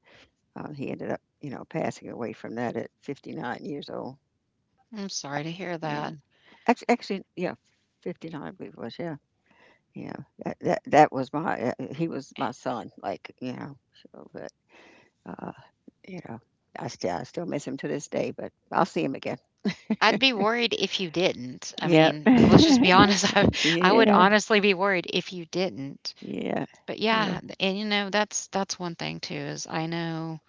Speaker 2: he ended up, you know, passing away from that at 59 years old.
Speaker 1: I'm sorry to hear
Speaker 2: Yeah.
Speaker 1: that.
Speaker 2: Actually, yeah, 59, I believe it was. Yeah. Yeah. That was my, he was my son, like, you know, so, but, uh, you know, I still miss him to this day, but I'll see him again.
Speaker 1: I'd be worried if you didn't. I
Speaker 2: Yeah.
Speaker 1: mean, let's just be
Speaker 2: *laughs*
Speaker 1: honest. *laughs* I would
Speaker 2: Yeah.
Speaker 1: honestly be worried if you didn't.
Speaker 2: Yeah.
Speaker 1: But yeah,
Speaker 2: Yeah.
Speaker 1: and that's one thing too. Is I know.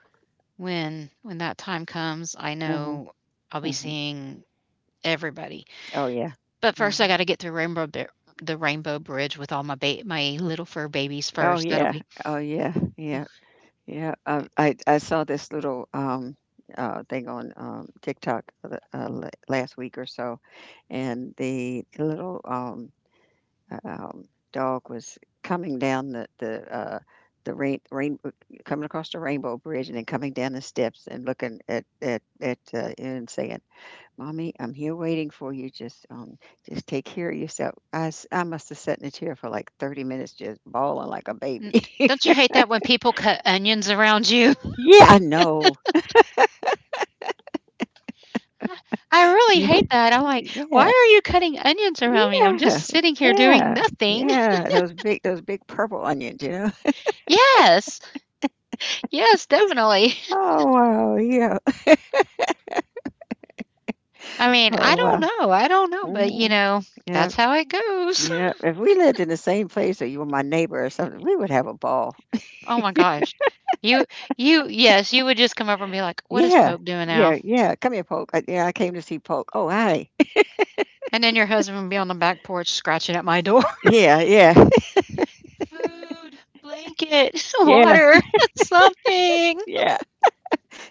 Speaker 1: When that time comes, I
Speaker 2: Hmm,
Speaker 1: know I'll be
Speaker 2: hmm.
Speaker 1: seeing everybody.
Speaker 2: Oh, yeah.
Speaker 1: But first, I
Speaker 2: Hmm.
Speaker 1: gotta get through Rainbow Bi the Rainbow Bridge with all my little fur babies
Speaker 2: Oh,
Speaker 1: first. That'll
Speaker 2: yeah.
Speaker 1: be
Speaker 2: Oh, yeah. Yeah. Yeah, I saw this little thing on TikTok last week or so, and the little uh, um, dog was coming down the rain coming across the rainbow bridge and then coming down the steps and looking at you and saying, "Mommy, I'm here waiting for you. Just take care of yourself." I must have sat in a chair for like 30 minutes just bawling like a
Speaker 1: mm,
Speaker 2: baby.
Speaker 1: don't you
Speaker 2: *laughs*
Speaker 1: hate that when people cut onions around you?
Speaker 2: Yeah. I know.
Speaker 1: *laughs* I really hate that. I'm like, "Why
Speaker 2: Yeah,
Speaker 1: are you cutting onions around me? I'm just
Speaker 2: yeah,
Speaker 1: sitting here doing
Speaker 2: yeah,
Speaker 1: nothing."
Speaker 2: yeah,
Speaker 1: *laughs*
Speaker 2: those big purple onions, you know?
Speaker 1: Yes. Yes, definitely. *laughs*
Speaker 2: Oh, wow, yeah.
Speaker 1: I mean, I
Speaker 2: Oh,
Speaker 1: don't
Speaker 2: wow.
Speaker 1: know. I don't know, but,
Speaker 2: Mhm. Yeah,
Speaker 1: that's how it goes.
Speaker 2: yeah. If we lived in the same place or you were my neighbor or something, we
Speaker 1: *laughs*
Speaker 2: would have a ball.
Speaker 1: Oh my gosh. You you yes, you would just come over and be like, "What is
Speaker 2: Yeah,
Speaker 1: Pope doing now?"
Speaker 2: yeah, yeah. Come here, Polk. I, yeah, I came to see Polk. Oh, hi. *laughs*
Speaker 1: And then your husband would be on the back porch scratching at my door.
Speaker 2: Yeah, yeah,
Speaker 1: *laughs* "Food, blanket, *laughs*
Speaker 2: *laughs* yeah,
Speaker 1: water, *laughs* something.
Speaker 2: yeah.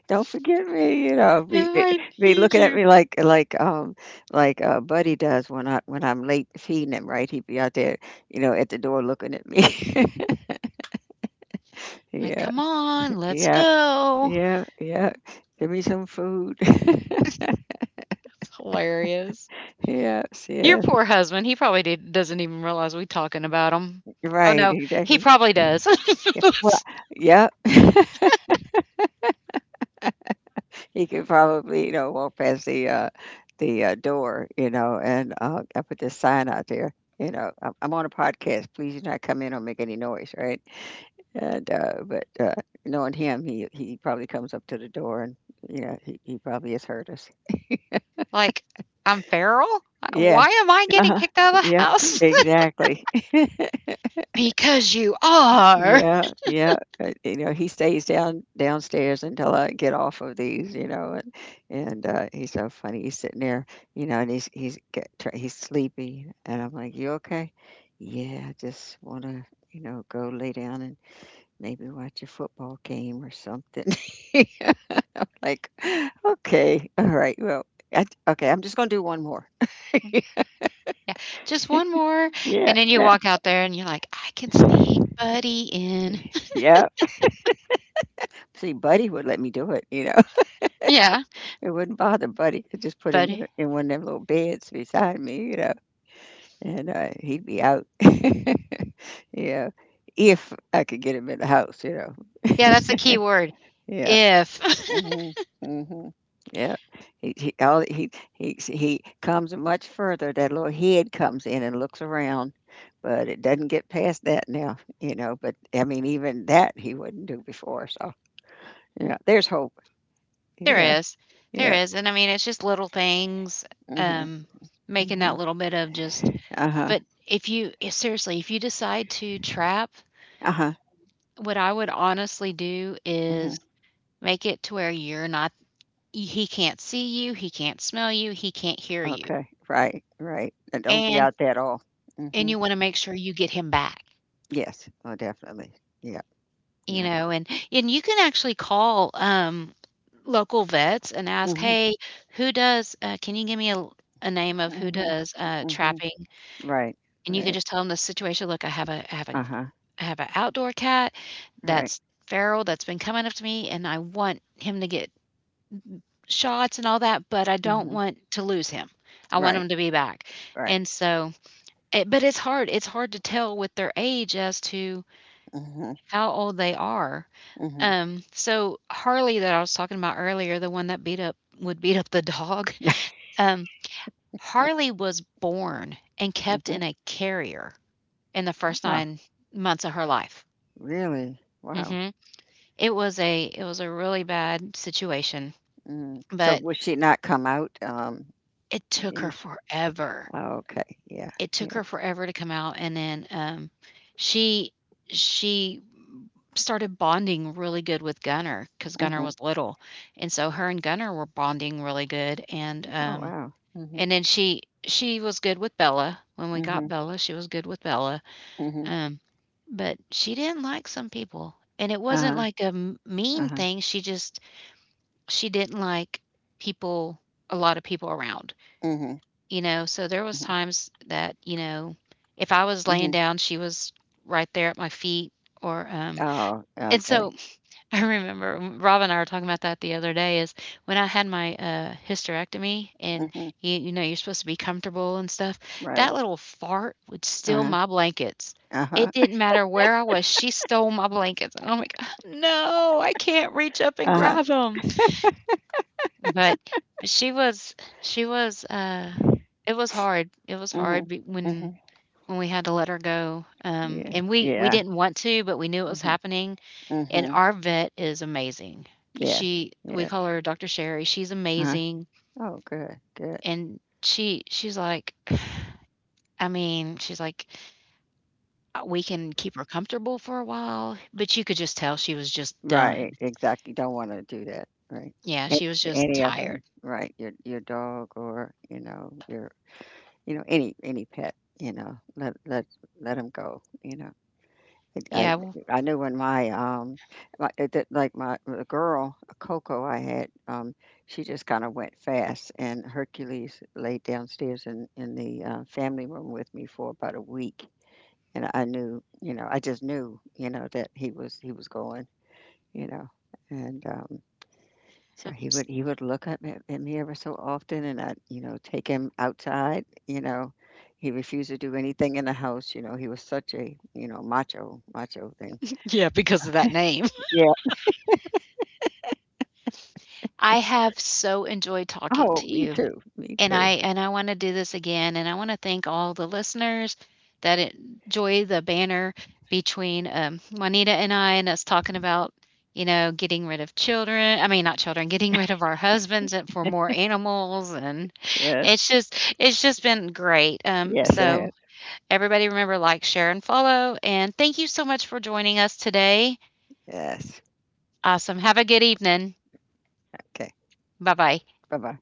Speaker 2: Don't forget me, you know,
Speaker 1: No, I
Speaker 2: be
Speaker 1: need
Speaker 2: looking at
Speaker 1: you."
Speaker 2: me like like Buddy does when I when I'm late feeding him, right? He'd be out there, you know, at the door looking at me. *laughs*
Speaker 1: Like,
Speaker 2: Yeah,
Speaker 1: "Come on, let's
Speaker 2: yeah,
Speaker 1: go." It's
Speaker 2: yeah, yeah. Give me some food. *laughs*
Speaker 1: hilarious.
Speaker 2: Yes,
Speaker 1: Your
Speaker 2: yes.
Speaker 1: poor husband, he probably did doesn't even realize we talking about him. Oh,
Speaker 2: Right,
Speaker 1: no, he
Speaker 2: exactly.
Speaker 1: probably does.
Speaker 2: Yeah. Well,
Speaker 1: *laughs*
Speaker 2: yeah. He could probably, you know, walk past the door, you know, and I put this sign out there. You know, I'm on a podcast. Please do not come in or make any noise, right? And, but, knowing him, he probably comes up to the door and, you know, he probably has heard us.
Speaker 1: Like, "I'm feral?
Speaker 2: Yeah.
Speaker 1: Why am I getting
Speaker 2: Uh-huh.
Speaker 1: kicked out of the
Speaker 2: Yeah,
Speaker 1: house?"
Speaker 2: exactly. *laughs*
Speaker 1: *laughs* "Because you are."
Speaker 2: Yeah, yeah. You know, he stays downstairs until I get off of these, you know, and, he's so funny. He's sitting there, you know, and he's get tr he's sleepy, and I'm like, "You okay?" "Yeah, I just wanna, you know, go lay down and maybe watch a football game or something." *laughs* Like, *gasps* *laughs* okay, all right, well, I, okay, I'm just gonna do one more.
Speaker 1: Yeah, "Just one more,"
Speaker 2: Yeah,
Speaker 1: and then you walk out there and you're like, "I can sneak
Speaker 2: yeah,
Speaker 1: Buddy in." *laughs*
Speaker 2: yeah. See, Buddy would let me do it, you know. *laughs*
Speaker 1: Yeah,
Speaker 2: It wouldn't bother Buddy. I just put him
Speaker 1: buddy.
Speaker 2: in one of them little beds beside me, you know, and he'd be out. *laughs* Yeah, if I could get him in the house, you know.
Speaker 1: Yeah, that's the key word,
Speaker 2: Yeah.
Speaker 1: "if." *laughs*
Speaker 2: Mhm, mhm. Yeah, he all he comes much further. That little head comes in and looks around, but it doesn't get past that now, you know. But I mean, even that he wouldn't do before. So yeah, there's hope. Yeah,
Speaker 1: There is, there
Speaker 2: yeah.
Speaker 1: is, and I mean, it's just little things,
Speaker 2: Mhm,
Speaker 1: um, making that
Speaker 2: mhm.
Speaker 1: little bit of just
Speaker 2: Uh huh.
Speaker 1: but if you seriously, if you decide to trap,
Speaker 2: Uh huh.
Speaker 1: what I would honestly do
Speaker 2: Mhm.
Speaker 1: is make it to where you're not he can't see you, he can't smell you, he can't hear you,
Speaker 2: Okay. Right. Right. And don't be
Speaker 1: and
Speaker 2: out there at all.
Speaker 1: and
Speaker 2: Mhm.
Speaker 1: you wanna make sure you get him back.
Speaker 2: Yes. Oh, definitely. Yeah. Yeah.
Speaker 1: And you can actually call local vets and ask
Speaker 2: Mhm.
Speaker 1: hey who does can you give a name of who
Speaker 2: Mhm.
Speaker 1: does
Speaker 2: Mhm.
Speaker 1: trapping
Speaker 2: Right.
Speaker 1: and you can
Speaker 2: Right.
Speaker 1: just tell them the situation. Look,
Speaker 2: Uh huh.
Speaker 1: I have an outdoor cat
Speaker 2: Right.
Speaker 1: that's feral that's been coming up to me and I want him to get shots and all that but I don't want to lose him. I want
Speaker 2: Right,
Speaker 1: him to be back
Speaker 2: right.
Speaker 1: and so but it's hard to tell with their age as to
Speaker 2: Mhm,
Speaker 1: how old they are.
Speaker 2: mhm,
Speaker 1: So Harley that I was talking about earlier, the one that beat up would beat up the dog, *laughs* um, Harley was born and kept
Speaker 2: mhm.
Speaker 1: in a carrier in the first
Speaker 2: Wow.
Speaker 1: 9 months of her life.
Speaker 2: Really? Wow.
Speaker 1: Mhm. It was a really bad situation,
Speaker 2: Mm.
Speaker 1: but
Speaker 2: So will she not come out,
Speaker 1: it took her
Speaker 2: in
Speaker 1: forever.
Speaker 2: oh, okay, yeah,
Speaker 1: It took her
Speaker 2: yeah.
Speaker 1: forever to come out, and then, she she started bonding really good with Gunner, cause Gunner
Speaker 2: Mhm.
Speaker 1: was little, and so her and Gunner were bonding really good,
Speaker 2: Oh, wow. Mhm,
Speaker 1: and then she was good with Bella. When we got
Speaker 2: mhm,
Speaker 1: Bella, she was good with Bella,
Speaker 2: mhm.
Speaker 1: um, but she didn't like some people, and it wasn't
Speaker 2: Uh-huh,
Speaker 1: like a m mean
Speaker 2: uh-huh.
Speaker 1: thing, she just she didn't like people a lot of people around,
Speaker 2: Mhm,
Speaker 1: you know, so there was
Speaker 2: mhm,
Speaker 1: times that, you know, if I was laying
Speaker 2: mhm.
Speaker 1: down, she was right there at my feet or,
Speaker 2: Oh,
Speaker 1: and
Speaker 2: okay.
Speaker 1: so *laughs* I remember Rob and I were talking about that the other day. Is when I had my hysterectomy, and
Speaker 2: Mhm.
Speaker 1: you know you're supposed to be comfortable and stuff.
Speaker 2: Right.
Speaker 1: That little fart would steal
Speaker 2: Uh-huh,
Speaker 1: my blankets.
Speaker 2: uh-huh,
Speaker 1: It didn't matter where I was; she stole my blankets, and I'm like, "Ah, no, I can't reach up and
Speaker 2: uh-huh.
Speaker 1: grab them. But she was, she was. It was hard. It was hard
Speaker 2: Mhm, mhm.
Speaker 1: when we had to let her go.
Speaker 2: Yeah.
Speaker 1: And we
Speaker 2: Yeah.
Speaker 1: didn't want to, but we knew it was
Speaker 2: Mhm,
Speaker 1: happening and
Speaker 2: mhm.
Speaker 1: our vet is amazing.
Speaker 2: Yes,
Speaker 1: She we
Speaker 2: yes.
Speaker 1: call her Dr. Sherry, she's
Speaker 2: Uh-huh.
Speaker 1: amazing,
Speaker 2: Oh, good, good.
Speaker 1: and she's like I mean, she's like, we can keep her comfortable for a while," but you could just tell she was just
Speaker 2: Right,
Speaker 1: done.
Speaker 2: exactly. Don't wanna do that, right.
Speaker 1: Yeah,
Speaker 2: And
Speaker 1: she was
Speaker 2: for
Speaker 1: just
Speaker 2: any of
Speaker 1: tired.
Speaker 2: 'em, right, your dog or, you know, your you know, any pet, you know, let let 'em go, you know. It
Speaker 1: Yeah,
Speaker 2: I
Speaker 1: well,
Speaker 2: knew when my, my it did like my the girl, Coco I had, she just kinda went fast, and Hercules laid downstairs in the, family room with me for about a week, and I knew, you know, I just knew, you know, that he was going, you know, and, um, so
Speaker 1: *laughs*
Speaker 2: he would look up at me ever so often, and I'd, you know, take him outside, you know. He refused to do anything in the house, you know, he was such a, you know, macho thing.
Speaker 1: yeah, because of that name.
Speaker 2: Yeah.
Speaker 1: *laughs* I have so enjoyed talking
Speaker 2: Oh,
Speaker 1: to
Speaker 2: me
Speaker 1: you.
Speaker 2: too, me too.
Speaker 1: And I wanna do this again, and I wanna thank all the listeners that enjoy the banner between, Juanita and I and us talking about, you know, getting rid of children I mean, not children, getting rid of our husbands and for more animals, and
Speaker 2: Yes,
Speaker 1: it's just been great.
Speaker 2: yes, it
Speaker 1: So
Speaker 2: has.
Speaker 1: everybody remember, like, share, and follow, and thank you so much for joining us today.
Speaker 2: Yes.
Speaker 1: Awesome. Have a good evening.
Speaker 2: Okay.
Speaker 1: Bye-bye.
Speaker 2: Bye-bye.